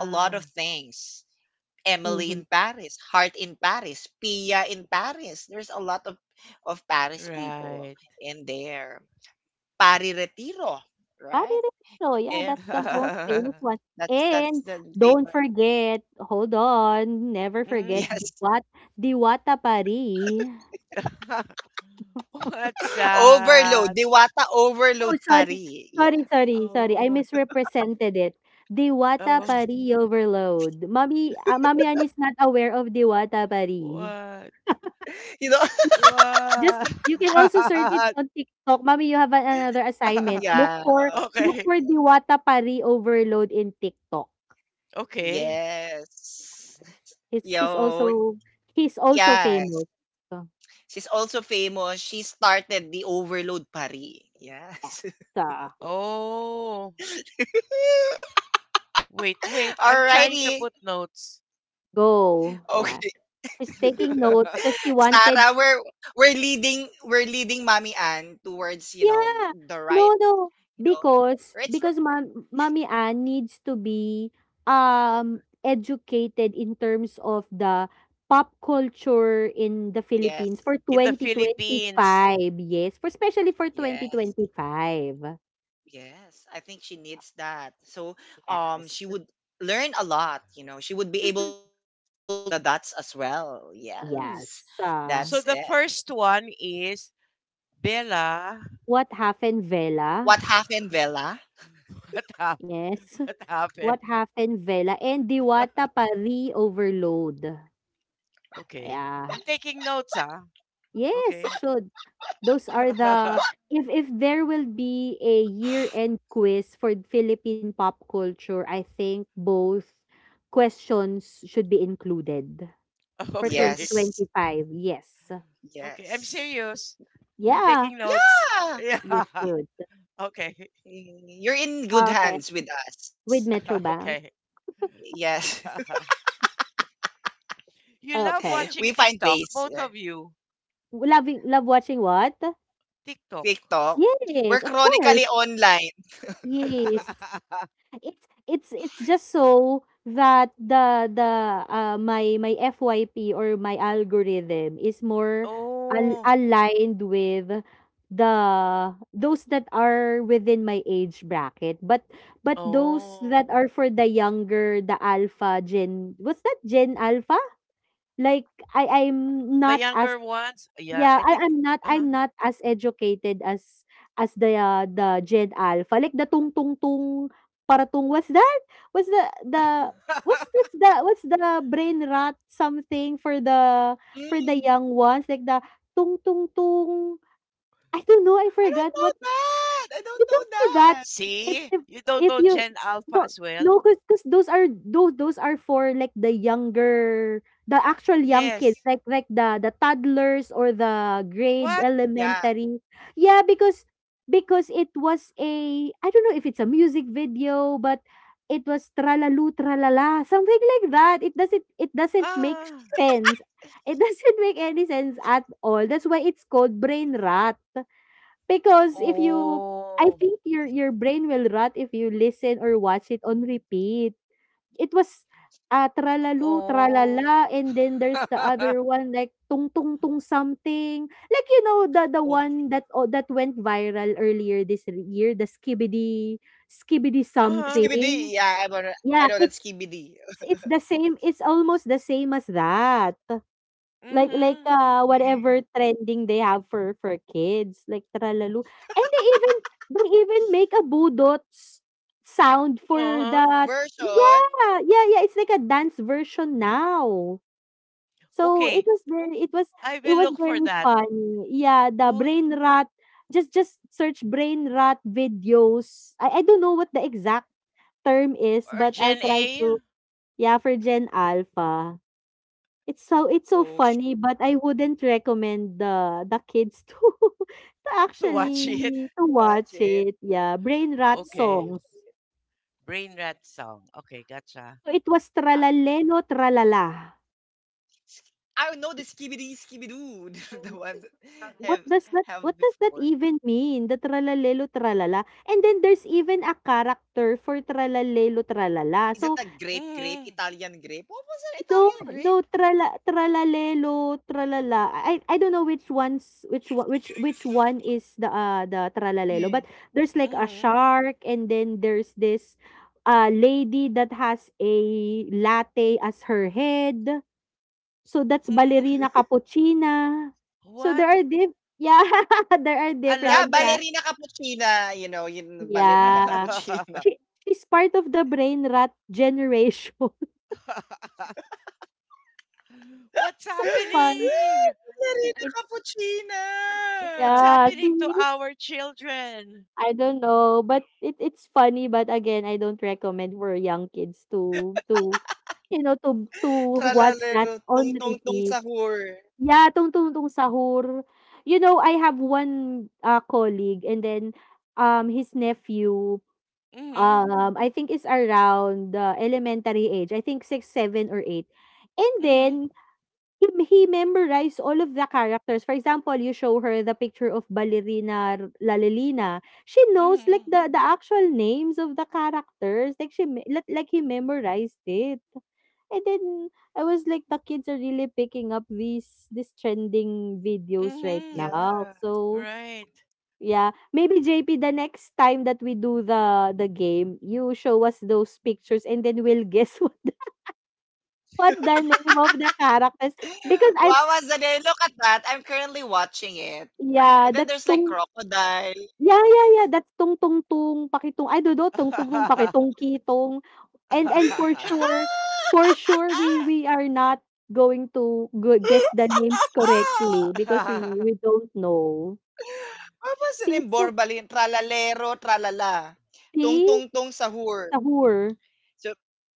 A: a lot of things. Emily
B: mhm.
A: in Paris, Heart in Paris, Pia in Paris. There's a lot of Paris people
C: Right.
A: in there. Pari Retiro, right?
B: Paririto, yeah,
A: Yeah,
B: that's the most famous one.
A: that's the
B: And
A: famous.
B: don't forget, hold on, never forget
C: Mm.
A: Yes,
B: Diwata Parí.
C: What's
A: Overload,
C: that?
A: Diwata
B: Oh,
A: Overload
B: sorry,
A: Paris. Yeah,
B: sorry, sorry, sorry, I
C: Oh,
B: misrepresented it. Diwata
C: oh,
B: Parí Overload. Mommy Ann is not aware of Diwata Parí.
C: what?
A: you know.
B: Just
C: What?
B: you can also search it on TikTok, "Mommy, you have an another assignment. Look
A: Yeah.
B: for look
C: Okay,
B: for Diwata Pari Overload in TikTok."
C: okay.
A: Yes.
B: It's she's
A: Yo.
B: also He's also
A: Yeah.
B: famous. So,
A: She's also famous. She started the Overload Pari.
B: yeah.
A: Yes.
B: So,
C: Oh, wait, wait. I'm trying to
A: Alrighty.
C: put notes.
B: go, yeah.
A: Okay.
B: She's taking notes 'cause she wanted
A: Sarah, we're we're leading Mommy Ann towards,
B: yeah.
A: the right,
B: No, no.
A: you know,
B: Because
A: right,
B: because Mommy Ann needs to be educated in terms of the pop culture in the
A: yes.
B: Philippines for
C: In the Philippines.
B: 2025. Yes, for especially for
A: Yes.
B: 2025.
A: Yes. I think she needs that. So,
B: Yes.
A: she would learn a lot. She would be able
B: Mhm.
A: to connect the dots as well. Yes.
B: Yes.
C: So
A: That's
C: the
A: it.
C: first one is Bella.
B: What happened, Vela?
A: What happened, Vela?
C: What happened?
B: Yes.
C: What
B: What
C: happened?
B: happened, Vela, and Diwata Pari Overload.
C: Okay.
B: Yeah.
C: I'm taking notes, ah.
B: Yes, you
C: Okay.
B: should. Those are the If there will be a year-end quiz for Philippine pop culture, I think both questions should be included for
C: Okay.
A: Yes.
B: 2025. Yes.
C: Okay. I'm
A: Yes.
C: serious. I'm
B: Yeah,
C: taking notes.
A: Yeah.
C: Yeah.
B: you
A: Y-
B: should.
C: Okay.
A: You're in good
B: Okay.
A: hands with us.
B: With Metrobank.
C: Okay.
A: Yes.
C: You love
B: Okay.
A: We
C: watching
A: find
C: TikTok,
A: ways. Yeah.
C: both of you.
B: Loving love watching what?
C: TikTok.
A: TikTok. We're
B: Yes, of course.
A: chronically online.
B: Yes. It's just so that my FYP or my algorithm is more al
C: Oh.
B: aligned with the those that are within my age bracket. But those that
C: Oh.
B: are for the younger, the alpha gen, what's that? Gen alpha? Like
C: The younger ones. Yeah, I
B: I
C: think. Uh-huh.
B: I'm not as educated as the, Gen Alpha, like the "tung tung tung para tung" what's that? What's the the what's the brain rot something for the
A: Mm.
B: young ones, like the "tung tung tung" I don't know, I
A: I don't
B: forgot
A: know
B: what
A: that. I
B: you
A: don't know
B: don't do that.
A: that.
B: If
C: See?
B: if
C: You don't
B: if
C: know
B: you,
C: Gen Alpha
B: no,
C: as well?
B: no, because those are for, like, the younger, the actual young kids,
C: Yes.
B: like the toddlers or the grade
C: What?
A: Yeah.
B: elementary. Yeah, because it was a I don't know if it's a music video, but it was tralalu tralala something like that. It doesn't make
C: Ah.
B: sense. It doesn't make any sense at all. That's why it's called brain rot, because if you I
C: Oh.
B: think your brain will rot if you listen or watch it on repeat. It was, "Tralalu
C: Oh.
B: tralala," and then there's the
C: Uh-huh.
B: other one like, "Tung tung tung something." Like, you know, the
A: Oh.
B: one that, that went viral earlier this r year, the skibidi something.
A: Skibidi. Yeah,
B: Yeah,
A: I know that
B: it's
A: Skibidi.
B: it's it's the same, it's almost the same as that. Like,
C: Hmm.
B: whatever
A: Mm.
B: trending they have for kids, like Tralalu. And they even make a budots sound for
C: Uh-huh.
B: that. Yeah,
A: Version.
B: yeah, yeah. It's like a dance version now. So
C: Okay,
A: Oh,
C: I
A: no.
B: it
C: will
B: was
C: look for
B: very
C: that.
B: funny. Yeah, the
C: Boot
B: brain rot. Just search brain rot videos. I don't know what the exact term is,
C: or
B: but I'll
C: Gen
B: try
C: A
B: to, yeah, for Gen Alpha. It's so
A: Oh, shoot.
B: funny, but I wouldn't recommend the kids to to
C: to watch it.
B: actually to watch
A: Watch it.
B: it. Yeah, brain rot
C: Okay.
A: Oh,
B: songs.
C: Brain Rat song. Okay, gotcha.
B: So it was
A: I,
B: tralalelo tralala.
A: I know the Skibidi Skibidoo. The one
B: What
A: have
B: does that what
A: have
B: does that
A: before.
B: even mean? The tralalelo tralala. And then there's even a character for tralalelo tralala.
A: Is that
B: So
A: a grape grape,
C: Mm-hmm.
A: Italian grape? What was an
B: no,
A: Italian
B: no,
A: grape?
B: tralalelo, tralala. I don't know which one's which one is the tralalelo, but
A: Hmm.
B: there's, like, a
C: Mm-hmm.
B: shark and then there's this lady that has a latte as her head. So that's
C: Mm-hmm.
B: ballerina cappuccina. So
C: What?
B: there are diff yeah, there are
C: A
A: Yeah,
B: different cat.
C: latte?
A: Ballerina Cappuccina, you know, yun, Ballerina
B: Yeah.
A: Cappuccina.
B: She she's part of the brain rat generation.
C: What's
B: So fun.
A: Ah,
C: happening?
A: Ballerina
B: It's
A: Cappuccina!
C: What's
B: Yeah,
C: happening to
B: see?
C: our children?
B: I don't know, but it's funny, but, again, I don't recommend for young kids to, you know, to watch
A: Tralalero,
B: that on
A: tung-tung-tung
B: repeat.
A: sahur.
B: Yeah, tung tung tung Sahur. You know, I have one, colleague, and then, his nephew,
C: Mm-hmm.
B: I think, is around the elementary age, I think 6, 7 or 8. And
C: Mm-hmm.
B: then he memorized all of the characters. For example, you show her the picture of Ballerina Lalelina, she knows, like,
C: Mm-hmm.
B: the actual names of the characters. Like, she me like he memorized it. And then I was like, the kids are really picking up these trending videos right
C: Mm-hmm.
B: now.
A: Yeah.
B: So,
C: Right.
B: yeah. Maybe, JP, the next time that we do the game, you show us those pictures and then we'll guess what the name of the characters, because I
A: Wow, Azadeh, look at that. I'm currently watching it.
B: yeah,
A: And then
B: that's
A: there's like
B: tung.
A: crocodile.
B: Yeah, yeah, yeah, that's tung, tung, tungtungtung pakitong, I don't know, tung, tung, no, tungtungtung pakitongkitong, and for sure for sure we
A: Ah!
B: we are not going to gu guess the names correctly because we don't know. See,
A: Mapapansin
B: it's a
A: Borbalin, tralalero, tralala, tung
B: see?
A: tung tung sahur,
B: Sahur.
A: so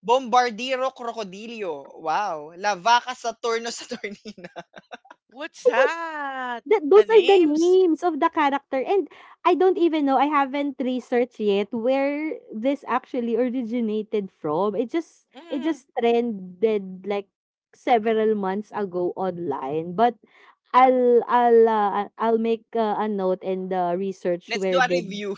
A: bombardiro krokodilyo, wow, la vaca saturno saturnina.
C: What's that?
B: Th
C: The
B: those are the
C: names?
B: names of the character. And I don't even know, I haven't researched yet where this actually originated from. It just it
C: Mm.
B: just trended like several months ago online, but I'll make a note and the research
A: Let's do
B: where
A: a
B: did,
A: review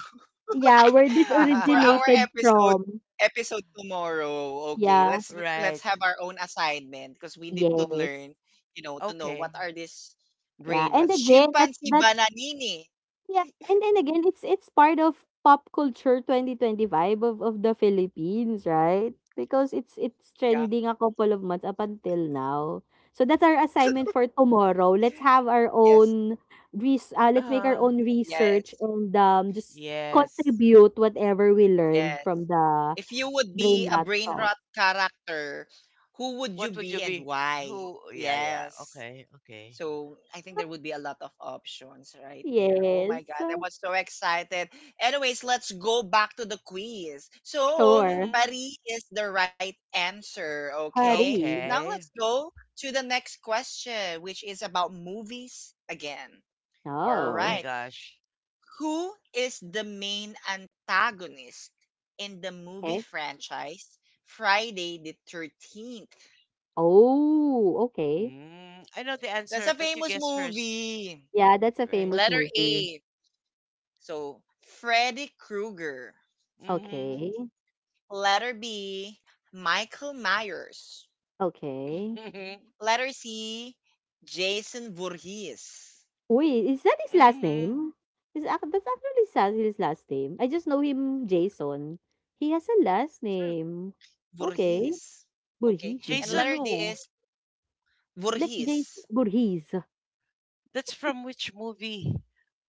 B: yeah, where this
A: for our
B: originated
A: episode
B: from.
A: episode tomorrow. Okay,
B: Yeah.
A: let's have
C: Right.
A: our own assignment because we need to
B: Yes.
A: learn, to know what
C: Okay.
A: are these
B: Yeah.
A: brain
B: And
A: rats.
B: again,
A: Chimpanzee
B: that's
A: bananini.
B: yeah, and then again, it's part of pop culture 2025 of the Philippines, right? Because it's
A: Yeah,
B: trending a couple of months up until now. So that's our assignment for tomorrow. Let's have our
A: yes,
B: own let's make our
C: Uh,
B: own research,
A: yes.
B: and just
C: yes.
B: contribute whatever we learned
A: Yes.
B: from the
A: If you would
B: brain
A: be a
B: rot
A: brain
B: song.
A: rot character, who would you
C: What would
A: be
C: you
A: and
C: be?
A: why?
C: Who? Yeah, yeah.
A: Yes.
C: Okay, okay.
A: So I think there would be a lot of options right there. Oh my
B: Yes.
A: God, I was so excited. Anyways, let's go back to the quiz. So
B: Sure.
C: Mm.
A: Paris is the right answer. Okay.
B: Hari.
A: Now
C: Okay.
A: let's go to the next question, which is about movies again. All
C: Oh my
B: Oh.
A: right.
C: gosh.
A: Who is the main antagonist in the movie
B: Okay.
A: franchise Friday the 13th?
B: Oh, okay.
C: Mm. I know the
A: That's
C: answer,
A: a
C: but you
A: famous
C: guess first.
A: movie.
B: Yeah, that's a
C: Right.
B: famous
A: Letter
B: movie.
A: A. So, Freddy Krueger.
B: Okay,
C: Mm-hmm.
A: Letter B, Michael Myers.
B: okay.
A: Letter C, Jason Voorhees.
B: Wait, is that his last
C: Mm-hmm.
B: name? Is ac That's actually sa his last name? I just know him Jason. He has a last
A: Hmm,
B: name. Okay,
A: Voorhees. Okay.
B: Burhis.
A: And
C: Jason
A: letter D
C: who?
A: is
B: Like
A: Voorhees.
B: Jason. Burhis.
C: That's from which movie?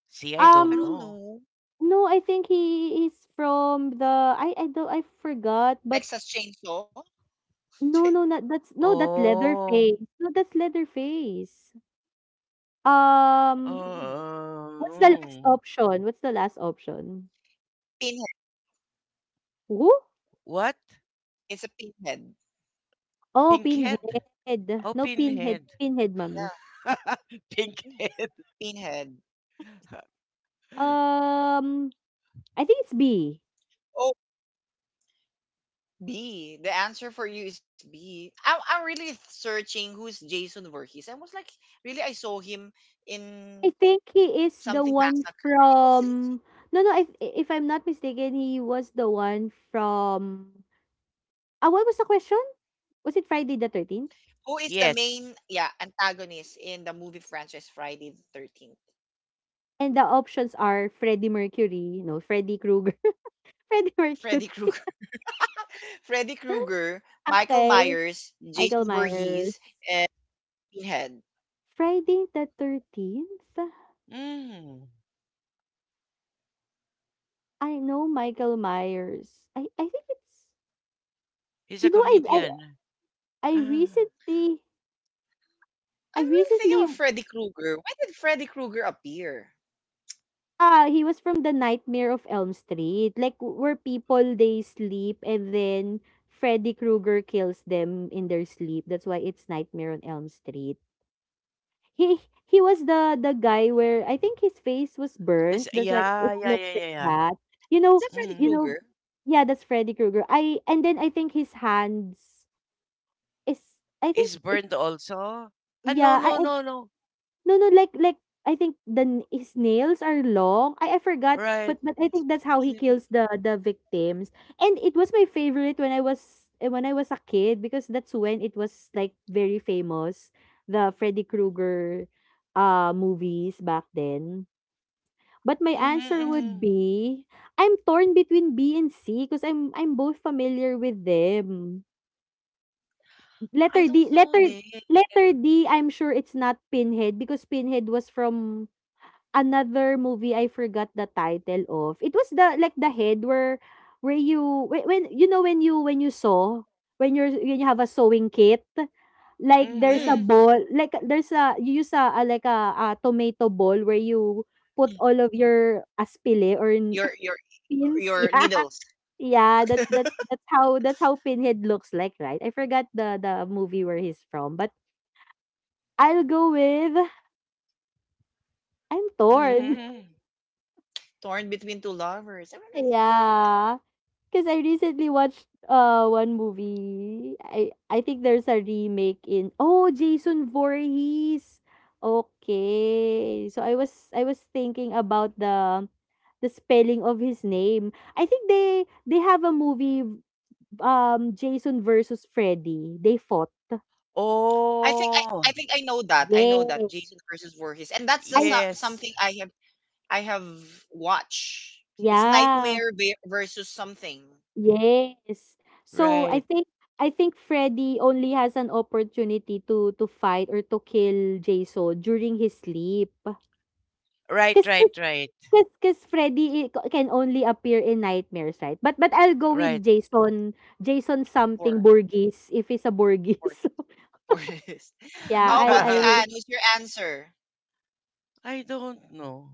C: See, I
A: I
C: don't
A: don't
B: Um,
C: know.
A: know.
B: no, I think he is from the, I forgot, but
A: Texas Chainsaw?
B: no, no, not that's no, that's
C: Oh.
B: Leatherface. No, that's Leatherface.
A: Hmm.
B: Um, what's the last
C: Oh,
B: option? What's the last option? Who?
C: what?
A: It's a pinhead.
B: Oh,
C: Pinkhead?
B: Pinhead.
C: Oh,
B: No, Pinhead.
C: pinhead.
B: Pinhead, mommy.
A: Yeah,
C: Pinkhead.
A: pinhead.
B: Um, I think it's B.
A: Oh, B. The answer for you is B. I'm really searching who's Jason Voorhees. I was like, really, I saw him in
B: I think he is
A: something
B: the one
A: massacre. It's- it's-
B: from. No, no. If I'm not mistaken, he was the one from. What was the question? Was it Friday the 13th?
A: Who is the
C: Yes.
A: main, yeah, antagonist in the movie franchise Friday the 13th?
B: And the options are Freddie Mercury, no, Freddie Krueger, Freddie Mercury.
A: Freddy Krueger. Freddy Krueger, Michael
B: Okay,
A: Myers,
B: Michael
A: Jason
B: Myers.
A: Voorhees, and Pinhead.
B: Friday the 13th?
C: Mm.
B: I know Michael Myers. I think it's,
C: He's
B: you
C: a
B: know,
C: comedian.
B: I
C: Ah,
B: recently,
A: I'm
B: I
A: really thinking
B: recently
A: of Freddy Krueger. When did Freddy Krueger appear?
B: he was from the Nightmare of Elm Street. Like where people, they sleep, and then Freddy Krueger kills them in their sleep. That's why it's Nightmare on Elm Street. He was the guy where I think his face was burnt.
C: this,
B: That's why it
C: yeah, yeah,
B: looks
C: yeah,
B: like
C: yeah, yeah.
B: that. You
A: Is that
B: know,
A: Freddy
B: you
C: Mm.
B: know,
A: Krueger?
B: yeah, that's Freddy Krueger. I and then I think his hands is, I think
C: Is
B: it,
C: burned also? Ah, no,
B: yeah.
C: no,
B: I
C: no, no.
B: No, no, like I think the n his nails are long. I forgot,
C: Right.
B: but I think that's
A: I
B: how he
A: mean,
B: kills the victims. And it was my favorite when I was a kid, because that's when it was, like, very famous, the Freddy Krueger movies back then. But my
C: Mm-hmm,
B: answer would
C: mm-hmm.
B: be, I'm torn between B and C because I'm both familiar with them.
A: I
B: Letter
A: don't
B: D,
A: know this.
B: letter D, I'm sure it's not Pinhead because Pinhead was from another movie. I forgot the title of. It was, the like, the head where, when, you know, when you sew, when you have a sewing kit, like there's
A: Mm.
B: a
C: Mhm.
B: ball, like there's a you use like a tomato ball where you
A: Mm.
B: put all of your aspile or
A: Your your
B: pins,
A: your
B: yeah.
A: needles.
B: Yeah, that's how that's how pinhead looks like, right? I forgot the movie where he's from, but I'll go with, I'm torn.
C: Mhm.
A: Torn between two lovers. I don't know.
B: Yeah, 'cause I recently watched, one movie. I think there's a remake in... oh, Jason Voorhees. Okay. So I was thinking about the spelling of his name. I think they have a movie, Jason versus Freddy. They fought.
A: I think I,
C: Oh,
A: I think I know that. I know that
B: Yes.
A: Jason versus Voorhees, and that's the
B: I
C: yes.
A: something I have watched. It's
B: Yeah.
A: Nightmare versus something
B: Yes. So I
C: Right.
B: think I think Freddy only has an opportunity to fight or to kill Jason during his sleep.
C: Right,
B: Cause,
C: right,
B: cause,
C: right.
B: 'cause Freddy can only appear in nightmares, right? But I'll go
C: Right.
B: with Jason. Jason
A: for
B: something Burgess, if he's a
A: for
B: Burgess.
A: Voorhees.
B: Yeah,
A: How about you,
B: I'll
A: Anne? What's your answer?
C: I don't know.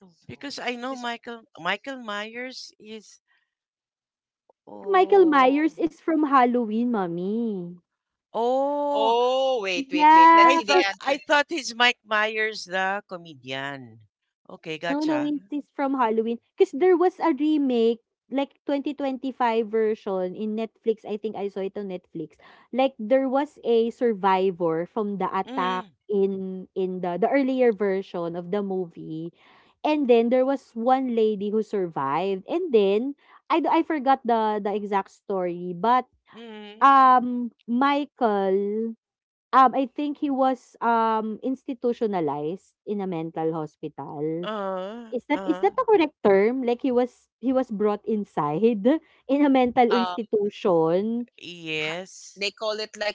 A: Don't know.
C: Because I know
A: This.
C: Michael Myers is
B: Michael
C: oh,
B: Myers is from Halloween, mommy.
C: oh,
A: Oh, wait. Let's
C: I
B: Yeah.
A: see the
C: thought I
A: answer.
C: thought he's Mike Myers the comedian. Okay,
B: No, no,
C: gotcha.
B: it is from Halloween. 'Cause there was a remake, like, 2025 version in Netflix. I think I saw it on Netflix. Like there was a survivor from the attack
C: Mm,
B: in the earlier version of the movie. And then there was one lady who survived. And then I forgot the exact story, but
C: mm,
B: Michael, I think he was institutionalized in a mental hospital.
C: uh,
B: Is that is
C: uh,
B: that the correct term? Like he was brought inside in a mental
A: Um,
B: institution?
A: ha- they
C: yes.
A: call it like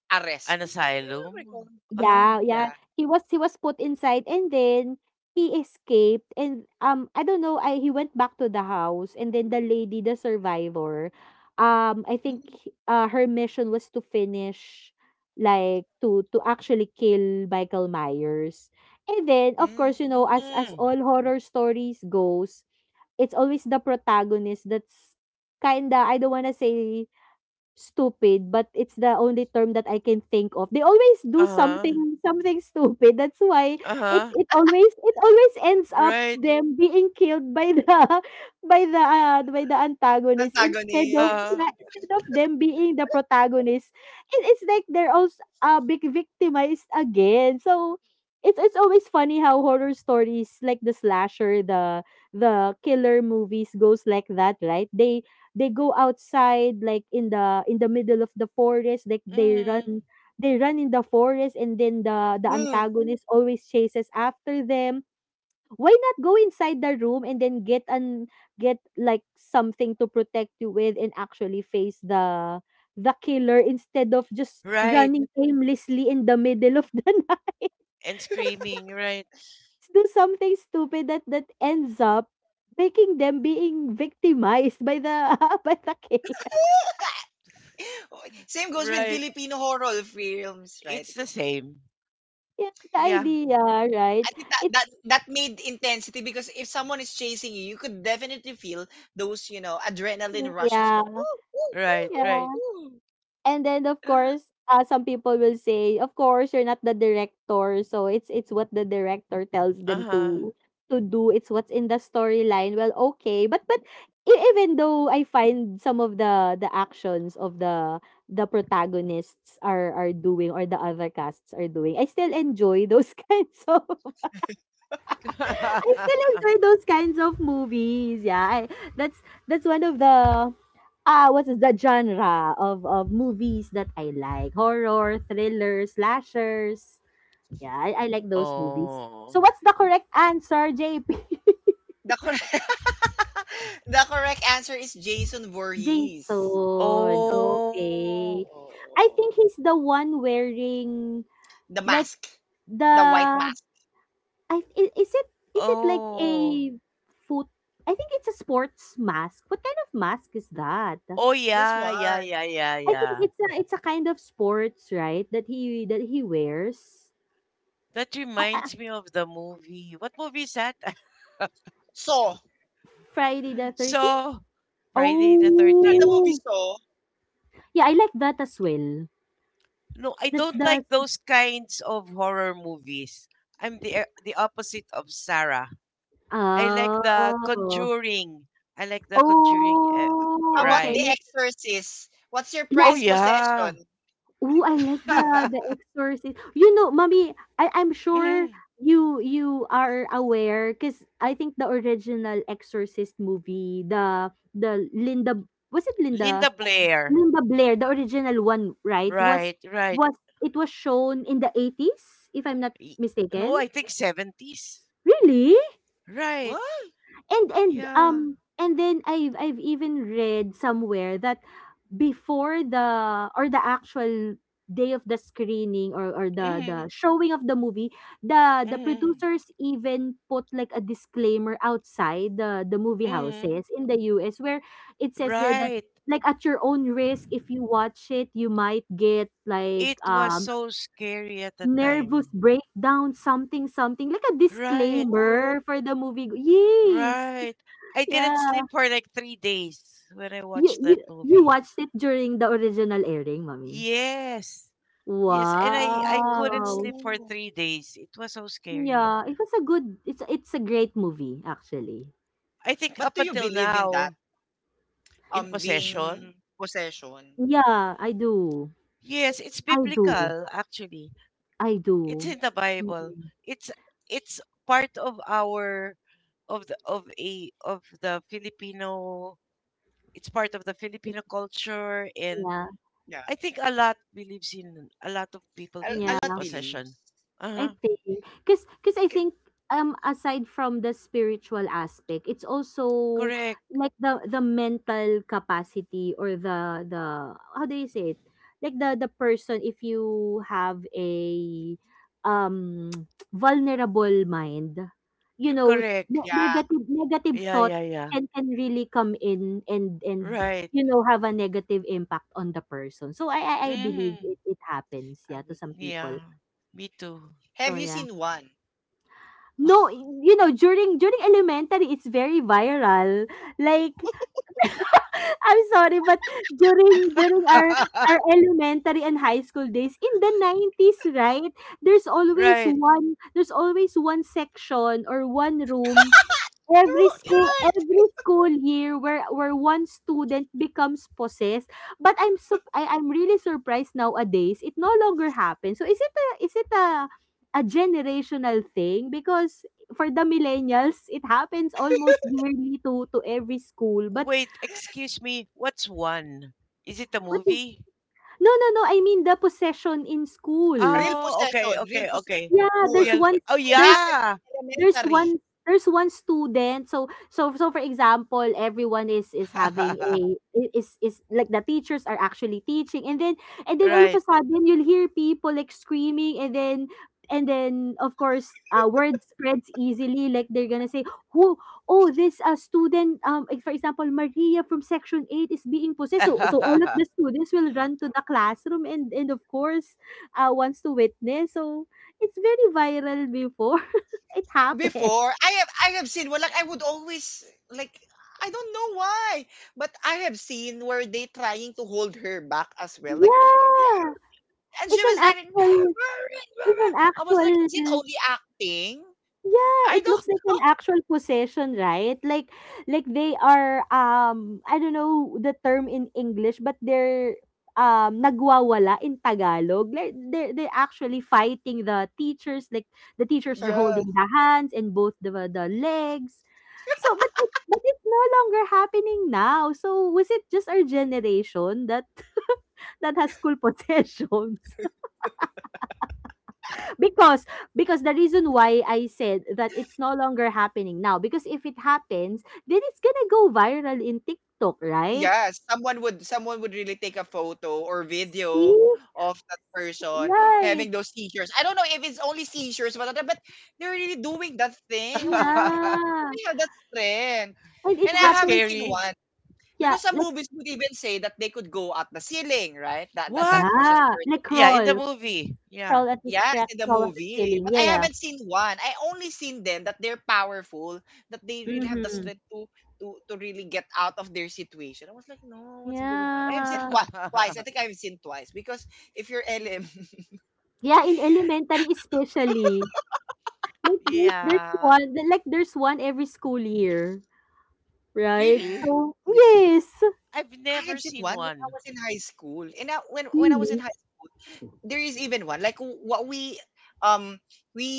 A: arrest.
C: An
A: I don't recall.
C: asylum. Uh,
B: Yeah,
A: Yeah.
B: yeah. He was put inside, and then he escaped and, I don't know, I he went back to the house, and then the lady, the survivor, I
A: Mm.
B: think, her mission was to finish, like, to actually kill Michael Myers. And then, of
A: Mm,
B: course, you know, as all
C: mm,
B: horror stories goes, it's always the protagonist that's kinda, I don't wanna say stupid, but it's the only term that I can think of. They always do
C: uh,
B: something stupid. That's why it
C: uh
B: it always it always ends up
C: right.
B: them being killed by the, by the antagonist, instead of,
A: antagonist.
C: Uh,
B: yeah, instead of them being the protagonist. It's like they're also, big victimized again. So it's always funny how horror stories, like the slasher, the killer movies goes like that, right? They go outside, like in the, middle of the forest. Like they run
C: mm,
B: they run in the forest, and then the
A: Mm.
B: antagonist always chases after them. Why not go inside the room and then, get, like, something to protect you with, and actually face the killer, instead of just
C: right.
B: running aimlessly in the middle of the night?
C: And screaming. Right.
B: Let's do something stupid that that ends up making them being victimized by the by the killer.
A: Oh, same goes with
C: Right.
A: Filipino horror films,
C: It's
A: right?
C: the same.
B: Yeah, the
C: Yeah.
B: idea,
A: Mm.
B: right?
A: I think that,
B: It's
A: that made intensity because if someone is chasing you, you could definitely feel those, you know, adrenaline rush as well.
B: Yeah,
A: Ooh, ooh, ooh,
C: Right. Right.
B: yeah.
A: ooh, ooh.
B: And then of course, some people will say, of course, you're not the director, so it's what the director tells them
C: Uh
B: to do. It's what's in the storyline. Well, okay, but even though I find some of the actions of the protagonists are doing, or the other casts are doing, I still enjoy those kinds of, I
C: huh.
B: still enjoy those kinds of movies. Yeah, that's that's one of the... what is the genre of movies that I like? Horror, thriller, slashers. Yeah, I like those movies.
C: Oh.
B: So what's the correct answer, JP?
A: The correct the correct answer is Jason Voorhees.
B: Jason.
C: Oh.
B: Okay. I think
A: Oh.
B: he's the one wearing,
A: The
B: like,
A: mask.
B: the
A: The white mask.
B: I i- is it is it like
C: Oh.
B: a, foot... I think it's a sports mask. What kind of mask is that?
C: Oh,
A: This
C: yeah. Yeah.
A: one.
C: Yeah. Yeah.
B: I think
C: Yeah.
B: it's a kind of sports, right? That he wears.
C: That reminds me of the movie. What movie is that?
A: Saw. You
B: Friday the 13th?
C: So, Friday the
A: know the
C: 13th.
A: movie
B: Oh.
A: Saw?
B: Yeah, I like that as well.
C: No, I
B: This
C: don't
B: does
C: like those kinds of horror movies. I'm the opposite of Sarah. I like the
B: Oh.
C: Conjuring. I like the Conjuring.
A: How
B: Oh,
A: about
B: okay.
A: The
C: Right.
A: Exorcist? What's your
B: Like
C: Oh,
A: prized
C: yeah.
A: possession?
B: ooh, I like the exorcist. You know, mommy, I'm sure
C: Mm,
B: you are aware, cuz I think the original exorcist movie, the Linda, was it Linda?
C: Linda Blair.
B: Linda Blair, the original one, right?
C: Right, right.
B: Was it was shown in the 80s, if I'm not
C: Y- No,
B: mistaken?
C: I think 70s.
B: Really?
A: What?
C: Right.
B: And and
C: Yeah.
B: um and then I've even read somewhere that before the, or the actual day of the screening, or the
C: Mm-hmm,
B: the showing of the movie, the
C: mm-hmm,
B: producers even put, like, a disclaimer outside the movie
C: mm-hmm.
B: houses in the US, where it says there that,
C: Right.
B: like, at your own risk, if you watch it, you might get, like,
C: It was so scary at the
B: nervous
C: time.
B: breakdown, something, like a
C: Right,
A: Oh,
B: disclaimer for the movie, yes.
C: right. I didn't
B: Yeah.
C: sleep for like 3 days when I
B: You
C: watched that
B: you you
C: movie.
B: watched it during the original airing, mommy?
C: Yes. Yes, and I couldn't
B: Wow.
C: sleep for
A: oh.
C: 3 days. It was so scary.
B: Yeah, it's a great movie actually.
C: I think
A: But do
C: up
A: you
C: until
A: believe in that?
C: now in
A: Being
C: possession.
A: possession?
B: Yeah, I do.
C: Yes, it's
B: I do.
C: biblical actually.
B: I
C: It's
B: do.
C: in the Bible.
B: Mm-mm.
C: It's it's part of our, of the, of a, of the Filipino, it's part of the Filipino culture, and
B: Yeah.
A: Yeah.
C: I think a lot believes in, a lot of people
A: A
C: believe
A: lot
C: in
B: Yeah.
A: believes.
C: possession.
B: I
C: Uh-huh.
B: think because I
A: K-
B: think, aside from the spiritual aspect, it's also,
C: Correct.
B: like, the mental capacity, or the how do you say it? Like the person, if you have a, um vulnerable mind, you know,
C: Correct.
B: ne-
A: Yeah,
B: negative negative
C: Yeah,
B: thoughts
C: yeah, yeah.
B: can really come in, and
C: Right.
B: you know, have a negative impact on the person. So I believe,
C: Mhm.
B: it happens,
A: I
B: yeah, to
A: believe.
B: some
C: Yeah,
B: people.
C: me too.
A: Have
B: So
A: you
B: yeah.
A: seen one?
B: No, you know, during elementary, it's very viral. Like, I'm sorry, but during our elementary and high school days in the 90s, right?
C: Right.
B: There's always one section or one room.
A: No, you're right.
B: Every school year where one student becomes possessed, but I'm sup I I'm really surprised nowadays it no longer happens. So is it a generational thing? Because for the millennials, it happens almost yearly to every school. But
C: Wait, excuse me. What's one? Is it a
B: what
C: movie?
B: no, no, no, I mean the possession in
A: Real
B: schools.
C: Oh, okay,
A: possession. Real
C: okay,
A: possession.
C: okay.
B: Yeah,
A: School.
B: there's
C: Real.
B: one
A: It
C: Oh,
B: there's
A: happens
C: yeah.
A: in
B: there's
A: elementary.
B: one there's one student, so for example, everyone is having a is like the teachers are actually teaching, and then all of a
C: Right.
B: sudden you'll hear people like screaming, and then of course word spreads easily. Like they're gonna say who, oh, this student, like, for example, Maria from section 8 is being possessed, so, so all of the students will run to the classroom, and of course wants to witness. So it's very viral before it happened.
A: Before, I have seen well, like I would always like I don't know why, but I have seen where they trying to hold her back as well. Like.
B: Yeah,
A: And she
B: it's
A: was
B: an
A: like, I was like, is it
B: actual.
A: only acting?
B: Yeah,
A: I
B: it
A: don't
B: looks like
A: know.
B: an actual possession, right? Like they are, I don't know the term in English, but they're nagwawala in Tagalog. Like they're actually fighting the teachers, like the teachers are
A: Yeah.
B: holding the hands and both the legs. But it's no longer happening now. So was it just our generation that that has school possessions? Because the reason why I said that it's no longer happening now, because if it happens then it's gonna go viral in TikTok, right?
A: Yes. Someone would really take a photo or video
B: See,
A: of that person having
B: right,
A: those seizures. I don't know if it's only seizures, but they're really doing that thing. I was like,
B: yeah.
A: they have that strength."
B: And it
A: And I
C: That's
B: happens,
A: haven't seen
C: scary.
A: one
B: yeah.
A: because some
B: Like,
A: movies would even say that they could go at the ceiling, right? That
C: What?
A: possessed.
B: yeah, like
C: Yeah, in
B: crawl
C: the movie. Yeah.
B: crawl at the
A: Yes,
B: crack
A: in the
B: crawl on the
A: movie.
B: ceiling,
A: But I
B: yeah.
A: haven't seen one. I only seen them that they're powerful, that they really have the
B: Mm-hmm.
A: strength to to really get out of their situation. I was like, no, what's going on? I've seen
B: Yeah.
A: twice. I think I've seen twice. Because if you're LM,
B: Yeah, in elementary especially. Like there's
C: Yeah.
B: one there's one every school year, right?
C: Really?
B: So
A: yeah.
B: yes.
C: I've
A: I had
C: never
A: seen
C: seen
A: one when I
C: one.
A: was in high school. And I, when I was in
B: Really.
A: high, there is even one like what um we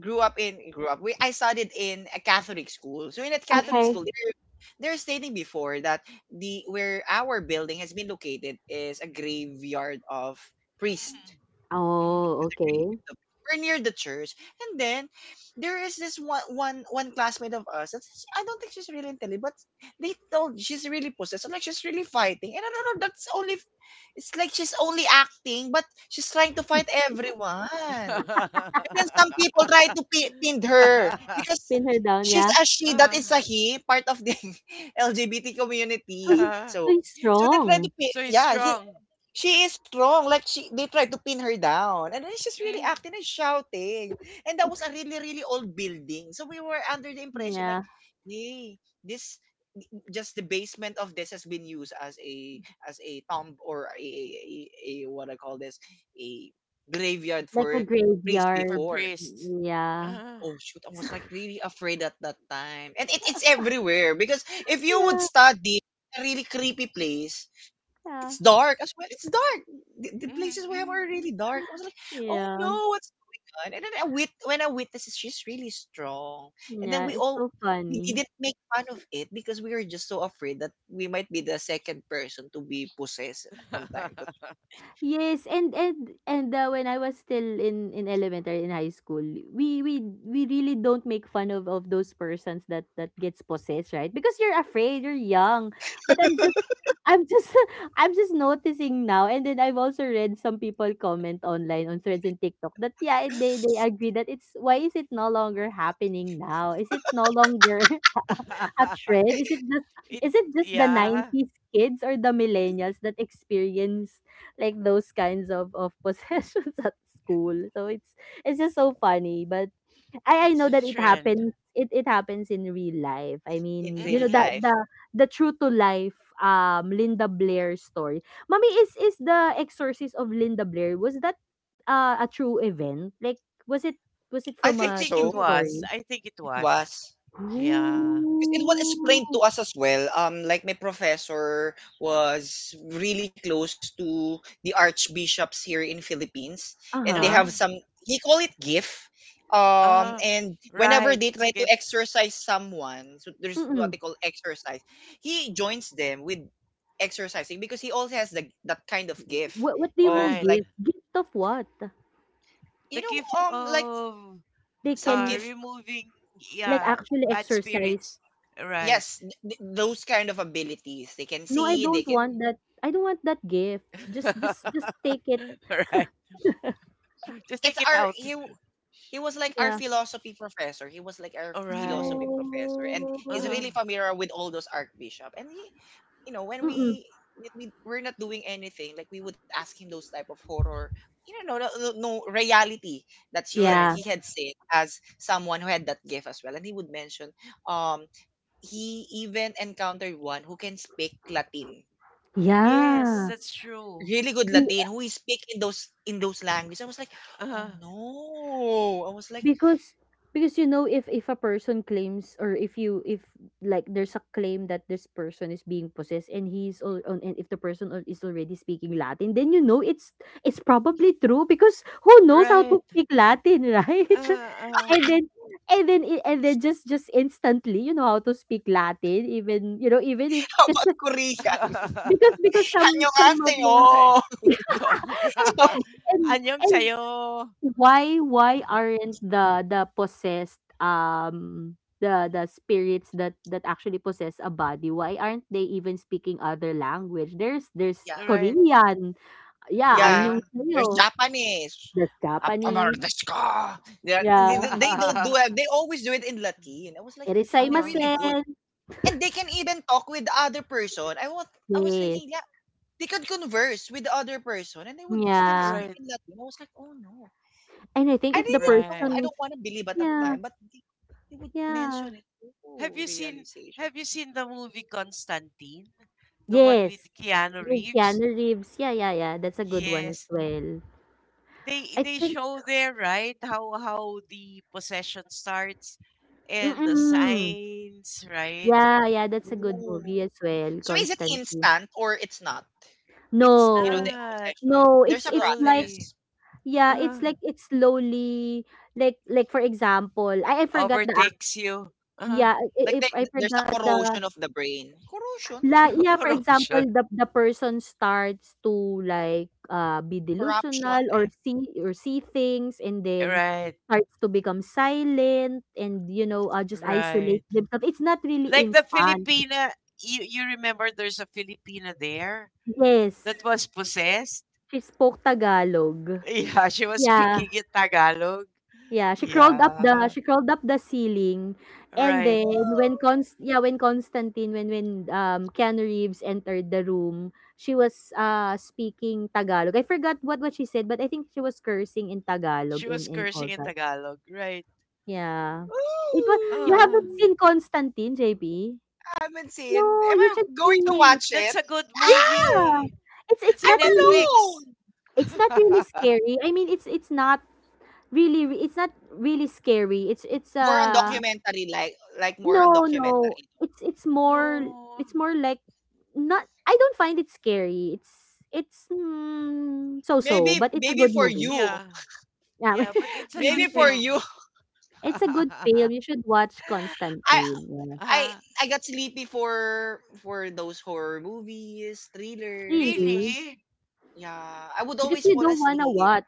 A: grew up in grew up. We, I studied in a Catholic school. So in a Catholic
B: Okay.
C: Mm-hmm.
A: school, they're stating before that the where our building has been located is a graveyard of priests.
C: Mm-hmm.
B: Oh, okay.
A: We're near the church, and then there is this one classmate of us. That's, I don't think she's really intelligent, but they told she's really possessed. I'm like she's really fighting, and I don't know. That's only it's like she's only acting, but she's trying to fight everyone. And then some people try to pi pin her because
B: Pin her down,
A: she's
B: yeah.
A: a she that
C: Ah,
A: is a he, part of the LGBT
B: So
A: community.
B: he,
C: ah.
B: so
A: So
B: he's
A: so they try
B: strong.
A: to pin
C: So he's
A: yeah, he,
C: strong.
A: she is strong. Like she they try to pin her down. And then she's really
C: mm,
A: acting and shouting. And that was a really, really old building. So we were under the impression like,
B: Yeah.
A: hey, this just the basement of this has been used as a tomb or a what I call this a graveyard
B: Like
A: for
B: a
A: priests
C: for
B: graveyard.
A: before.
C: priest.
B: Yeah.
C: Ah,
A: Oh shoot, I was like really afraid at that time. And it, it's everywhere because if you would
B: Yeah,
A: study a really creepy place,
B: yeah.
A: it's dark as well. It's dark. The places we have
C: mm,
A: are really dark. I was like, oh
B: Yeah.
A: no, what's done? And then I wit when I witnessed she's really strong. And then
B: Yeah,
A: we
B: it's
A: all
B: so
A: we
B: funny.
A: didn't make fun of it because we were just so afraid that we might be the second person to be possessed from time to
B: Yes, and when I was still in elementary, in high school, we really don't make fun of those persons that gets possessed, right? Because you're afraid, you're young. But I'm just I'm just noticing now, and then I've also read some people comment online on threads and TikTok that, yeah, they agree that it's — why is it no longer happening now? Is it no longer a
C: mm.
B: trend? Is it just
C: it
B: is it just the
C: Yeah,
B: 90s kids or the millennials that experience like those kinds of possessions at school? So it's just so funny. But I know
C: it's a
B: that it
C: trend.
B: happens. It happens in real life. I
A: in
B: mean, you
A: real
B: know that
C: Mm.
A: life.
B: the true to life Linda Blair story. Mommy, is the exorcist of Linda Blair, was that a true event? Like, was it, was it
A: I
B: from
C: I
A: think
B: a
C: think it
B: true
A: so.
C: was.
B: story?
C: I think it
A: It
C: was.
A: was.
C: Yeah.
A: 'Cause it was explained to
B: Ooh.
A: us as well. Like my professor was really close to the archbishops here in Philippines, and they have
B: Uh-huh.
C: Uh,
A: some. He call it gift.
C: uh,
A: And whenever
C: right.
A: they
C: It's
A: try
C: a
A: to
C: gift.
A: exercise someone, so there's what
B: Mm-mm.
A: they call exercise. He joins them with exercising because he also has the, that kind of gift
B: What, do you
A: of
B: mean
C: Right.
A: like,
B: gift? Gift of what?
C: The
A: you
C: gift
A: know, um, like
C: of
B: They
A: some
B: can.
A: gift.
C: removing,
B: Like,
C: yeah,
B: actually
C: bad
B: exercise.
C: spirits. Right.
A: Yes, those kind of abilities. They can
B: No, I
A: see. They
B: don't
A: can
B: want that. I don't want that gift. Just take it.
C: Alright.
A: it's
C: Just take
A: our
C: it
A: he.
C: out.
A: He was like our
B: Yeah.
A: philosophy professor. He was like our
C: Alright.
A: philosophy professor, and he's
B: Oh.
A: really
C: uh
A: familiar with all those archbishop. And he, you know,
B: Mm-mm.
A: when we we're not doing anything, like we would ask him those type of horror, you know, no reality that she had, he
C: Alright.
B: Yeah.
A: had seen as someone who had that gift as well. And he would mention, um, he even encountered one who can speak Latin,
C: Yes,
B: Yeah.
C: that's true.
A: really good Latin, who is speak in those languages. I was like, oh
C: Uh-huh.
A: no! I was like,
B: Because you know, if a person claims, or if you, if there's a claim that this person is being possessed and he's all on, and if the person is already speaking Latin, then you know it's probably true, because who knows how to
C: Right.
B: speak Latin?
C: Uh,
B: Right.
C: uh.
B: And then and then i- and then just instantly you know how to speak Latin, even, you know, even if,
A: how about
B: because
A: Korean?
B: some, of the
C: Ay.
A: 안녕하세요.
C: Oh.
B: and and
C: Anyong
B: and
C: sayo.
B: why, aren't the possessed, the spirits that actually possess a body, why aren't they even speaking other language? There's,
A: Yeah,
C: Right.
B: Korean, yeah,
C: Right.
A: yeah.
B: anyong
A: There's
B: sayo.
A: Japanese.
B: There's Japanese,
A: "Appamardesuka." They're
B: yeah,
A: they don't do it. They always do it in Latin. I was like, they're
C: Oh,
A: really good.
B: erasaimasen.
A: And they can even talk with the other person. I was
B: Yes,
A: thinking, yeah, they could converse with the other person and they would still
B: yeah.
A: speak
C: right.
A: in Latin. I was like, oh no.
B: And I think
A: I
B: if the
A: didn't know.
C: Right.
A: I
B: person,
A: don't want to believe at that
B: yeah,
A: time, but they would
B: yeah,
A: mention it.
C: Have
A: Oh,
C: you seen
A: realization.
C: Have you seen the movie Constantine? The one with
B: yes,
C: Keanu
B: with
C: Reeves?
B: Keanu Reeves, yeah, yeah, yeah, that's a good one as
C: Yes.
B: well.
C: they
B: I
C: they
B: think,
C: show there, right, how the possession starts and the
B: mm,
C: signs, right.
B: yeah, yeah, that's a good
A: Oh.
B: movie as well,
A: So is it
B: Constantine.
A: instant or it's not?
C: it's Yeah.
A: You know, the
B: No.
C: Not
A: possession,
B: No,
A: there's a
B: it's like,
C: slowly,
A: process.
B: yeah,
C: uh,
B: it's like it's slowly, like, for example, I forgot the act.
C: overtakes you, uh,
B: Yeah,
A: Like, the,
B: if I
A: there's a
B: forgot the
A: corrosion of the brain. Corrosion?
B: la yeah, for example,
C: corrosion,
B: the person starts to like be
A: Corruption.
B: delusional or
A: Ayan.
B: see, or see things, and then
C: right,
B: starts to become silent, and, you know, just
C: right,
B: isolate themselves. It's not really
C: like the
B: instant.
C: Filipina. You remember there's a Filipina there that
B: Yes,
C: was possessed?
B: she spoke Tagalog.
C: Yeah, she was
B: Yeah,
C: speaking in Tagalog,
B: yeah. She crawled up the
C: yeah,
B: ceiling, and
C: right,
B: then when Const yeah, when Constantine, when Keanu Reeves entered the room, she was speaking Tagalog. I forgot what she said, but I think she was cursing in
C: she
B: Tagalog
C: was
B: and
C: cursing
B: all
C: in
B: that.
C: Tagalog, right.
B: Yeah,
A: Ooh,
B: it was. You
C: Ah.
B: haven't
A: ooh.
B: seen Constantine, JP?
A: I haven't seen.
B: No,
A: Am
B: you
A: I
B: should
A: going to
B: see it.
A: watch
C: That's
A: it?
C: a good
A: Ah!
B: Yeah,
C: movie. It's
B: it's
C: in
B: not really
A: I'm
C: Netflix.
A: alone!
B: scary. I mean, it's not really scary. It's
A: More on
B: uh.
A: documentary, like more on
B: No, no.
A: documentary.
B: It's more,
C: No.
B: it's more like, not, I don't find it scary. It's mm, so-so,
A: Maybe,
B: but it's a
A: maybe
B: good
A: for
B: movie.
A: you.
C: Yeah.
B: Yeah.
C: Yeah, but it's a
B: Maybe
C: good
A: Maybe
B: for,
A: for
C: film.
A: you.
B: it's a good film. You should watch
A: I,
B: Constantine. Yeah.
A: I,
C: uh,
A: I got sleepy for those horror movies, thriller,
B: Really?
A: because
C: Really?
A: yeah, I would
B: Because
A: always
B: you
A: fall
B: don't want to
A: asleep.
B: watch.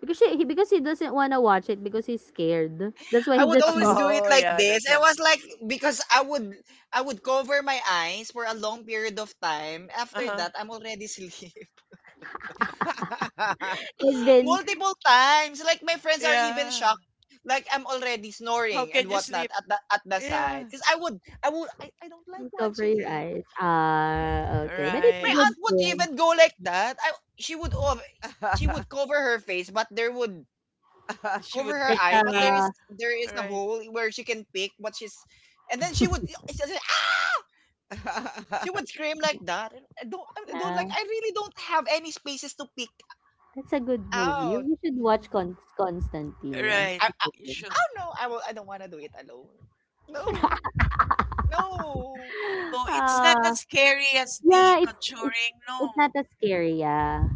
B: Because he doesn't want to watch it because he's scared. That's why
A: I
B: he
A: would
B: just
A: always
B: sleeps.
A: do it
C: Oh,
A: like
C: yeah,
A: this.
C: that's
A: It
C: right.
A: was like because I would cover my eyes for a long period of time. After
C: Uh-huh.
A: that, I'm already asleep.
B: And then
A: Multiple times. Like my friends are even
C: Yeah.
A: shocked. Like I'm already
C: How
A: snoring and
C: can you
A: whatnot
C: sleep?
A: at the side.
C: Yeah.
A: Because I would I don't like
B: cover
A: watching
B: your
A: it.
B: eyes. Ah, okay. But it's
A: My
B: a
C: Right.
B: good
A: aunt would
B: film.
A: even go like that. I she would ov- she would cover her face, but there would
C: She
A: cover
C: would
A: her
C: be
B: Like,
A: eyes, but there
C: picking.
A: is there is a
C: Right.
A: hole where she can pick what she's, and then she would it's just, ah! She
C: Right.
A: would scream like that. And I don't
B: yeah.
A: like I really don't have any spaces to pick
B: That's a good movie. You,
A: out.
B: you should watch Constantine. Yeah,
A: I
B: it's a
A: I,
B: good
C: You
B: one.
C: should.
A: I don't know. I will. I don't want to do it alone. No, no.
C: No, it's not
B: Uh,
C: as scary as The
B: yeah, it's
C: Conjuring.
B: it's not
C: No.
B: as scary. Yeah,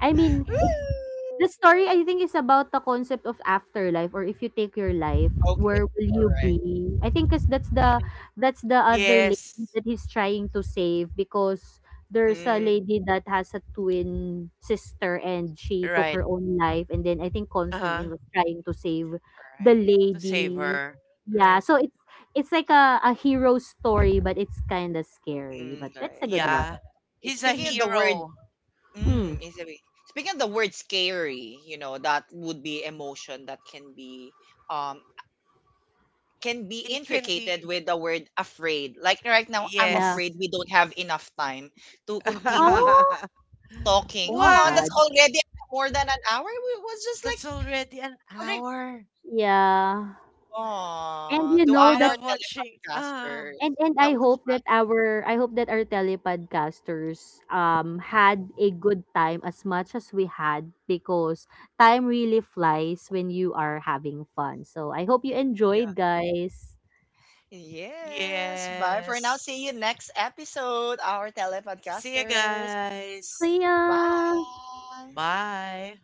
B: I mean it's —
C: Mm.
B: the story, I think, is about the concept of afterlife, or if you take your life,
A: Okay.
B: where will
A: All
B: you
A: right.
B: be? I think, cause that's the other lady
C: Yes,
B: that he's trying to save, because there's a
A: Mm,
B: lady that has a twin sister and she took
C: right.
B: her own life, and then I think
C: Uh-huh.
B: Constantine was trying to save
A: all
B: the
A: right.
C: To save
B: lady.
C: her.
B: Yeah,
C: Right.
B: so it's like a hero story, but it's kinda scary, but
A: Mm, all
B: that's a
A: right.
B: good
A: Yeah.
C: Yeah.
B: one.
A: It's
C: He's a
A: speaking of the word.
C: hero.
B: Hmm.
A: Mm, is a way. Speaking of the word scary, you know, that would be emotion that um can be
C: It can
A: intricated
C: be,
A: with the word afraid. Like right now, I'm
B: Yeah.
C: yes.
A: afraid we don't have enough time to continue
B: Oh,
A: talking.
B: oh my
A: Oh,
C: What?
A: that's
B: god.
A: already more than an hour. We was just like
C: That's already an
A: wondering,
C: hour.
B: Yeah. And
A: oh,
B: you
A: to
B: know
C: We
A: our
B: that,
C: love watching. Ah,
A: telepodcasters.
B: and
A: That
B: I
A: was
B: hope
A: fun.
B: that our, I hope that our telepodcasters had a good time as much as we had, because time really flies when you are having fun. So I hope you
A: Yeah.
B: enjoyed, guys.
A: Yes. Bye for now. See you
C: yes.
A: next episode, our
C: See you
A: telepodcasters.
C: guys.
B: See ya.
A: Bye.
C: Bye.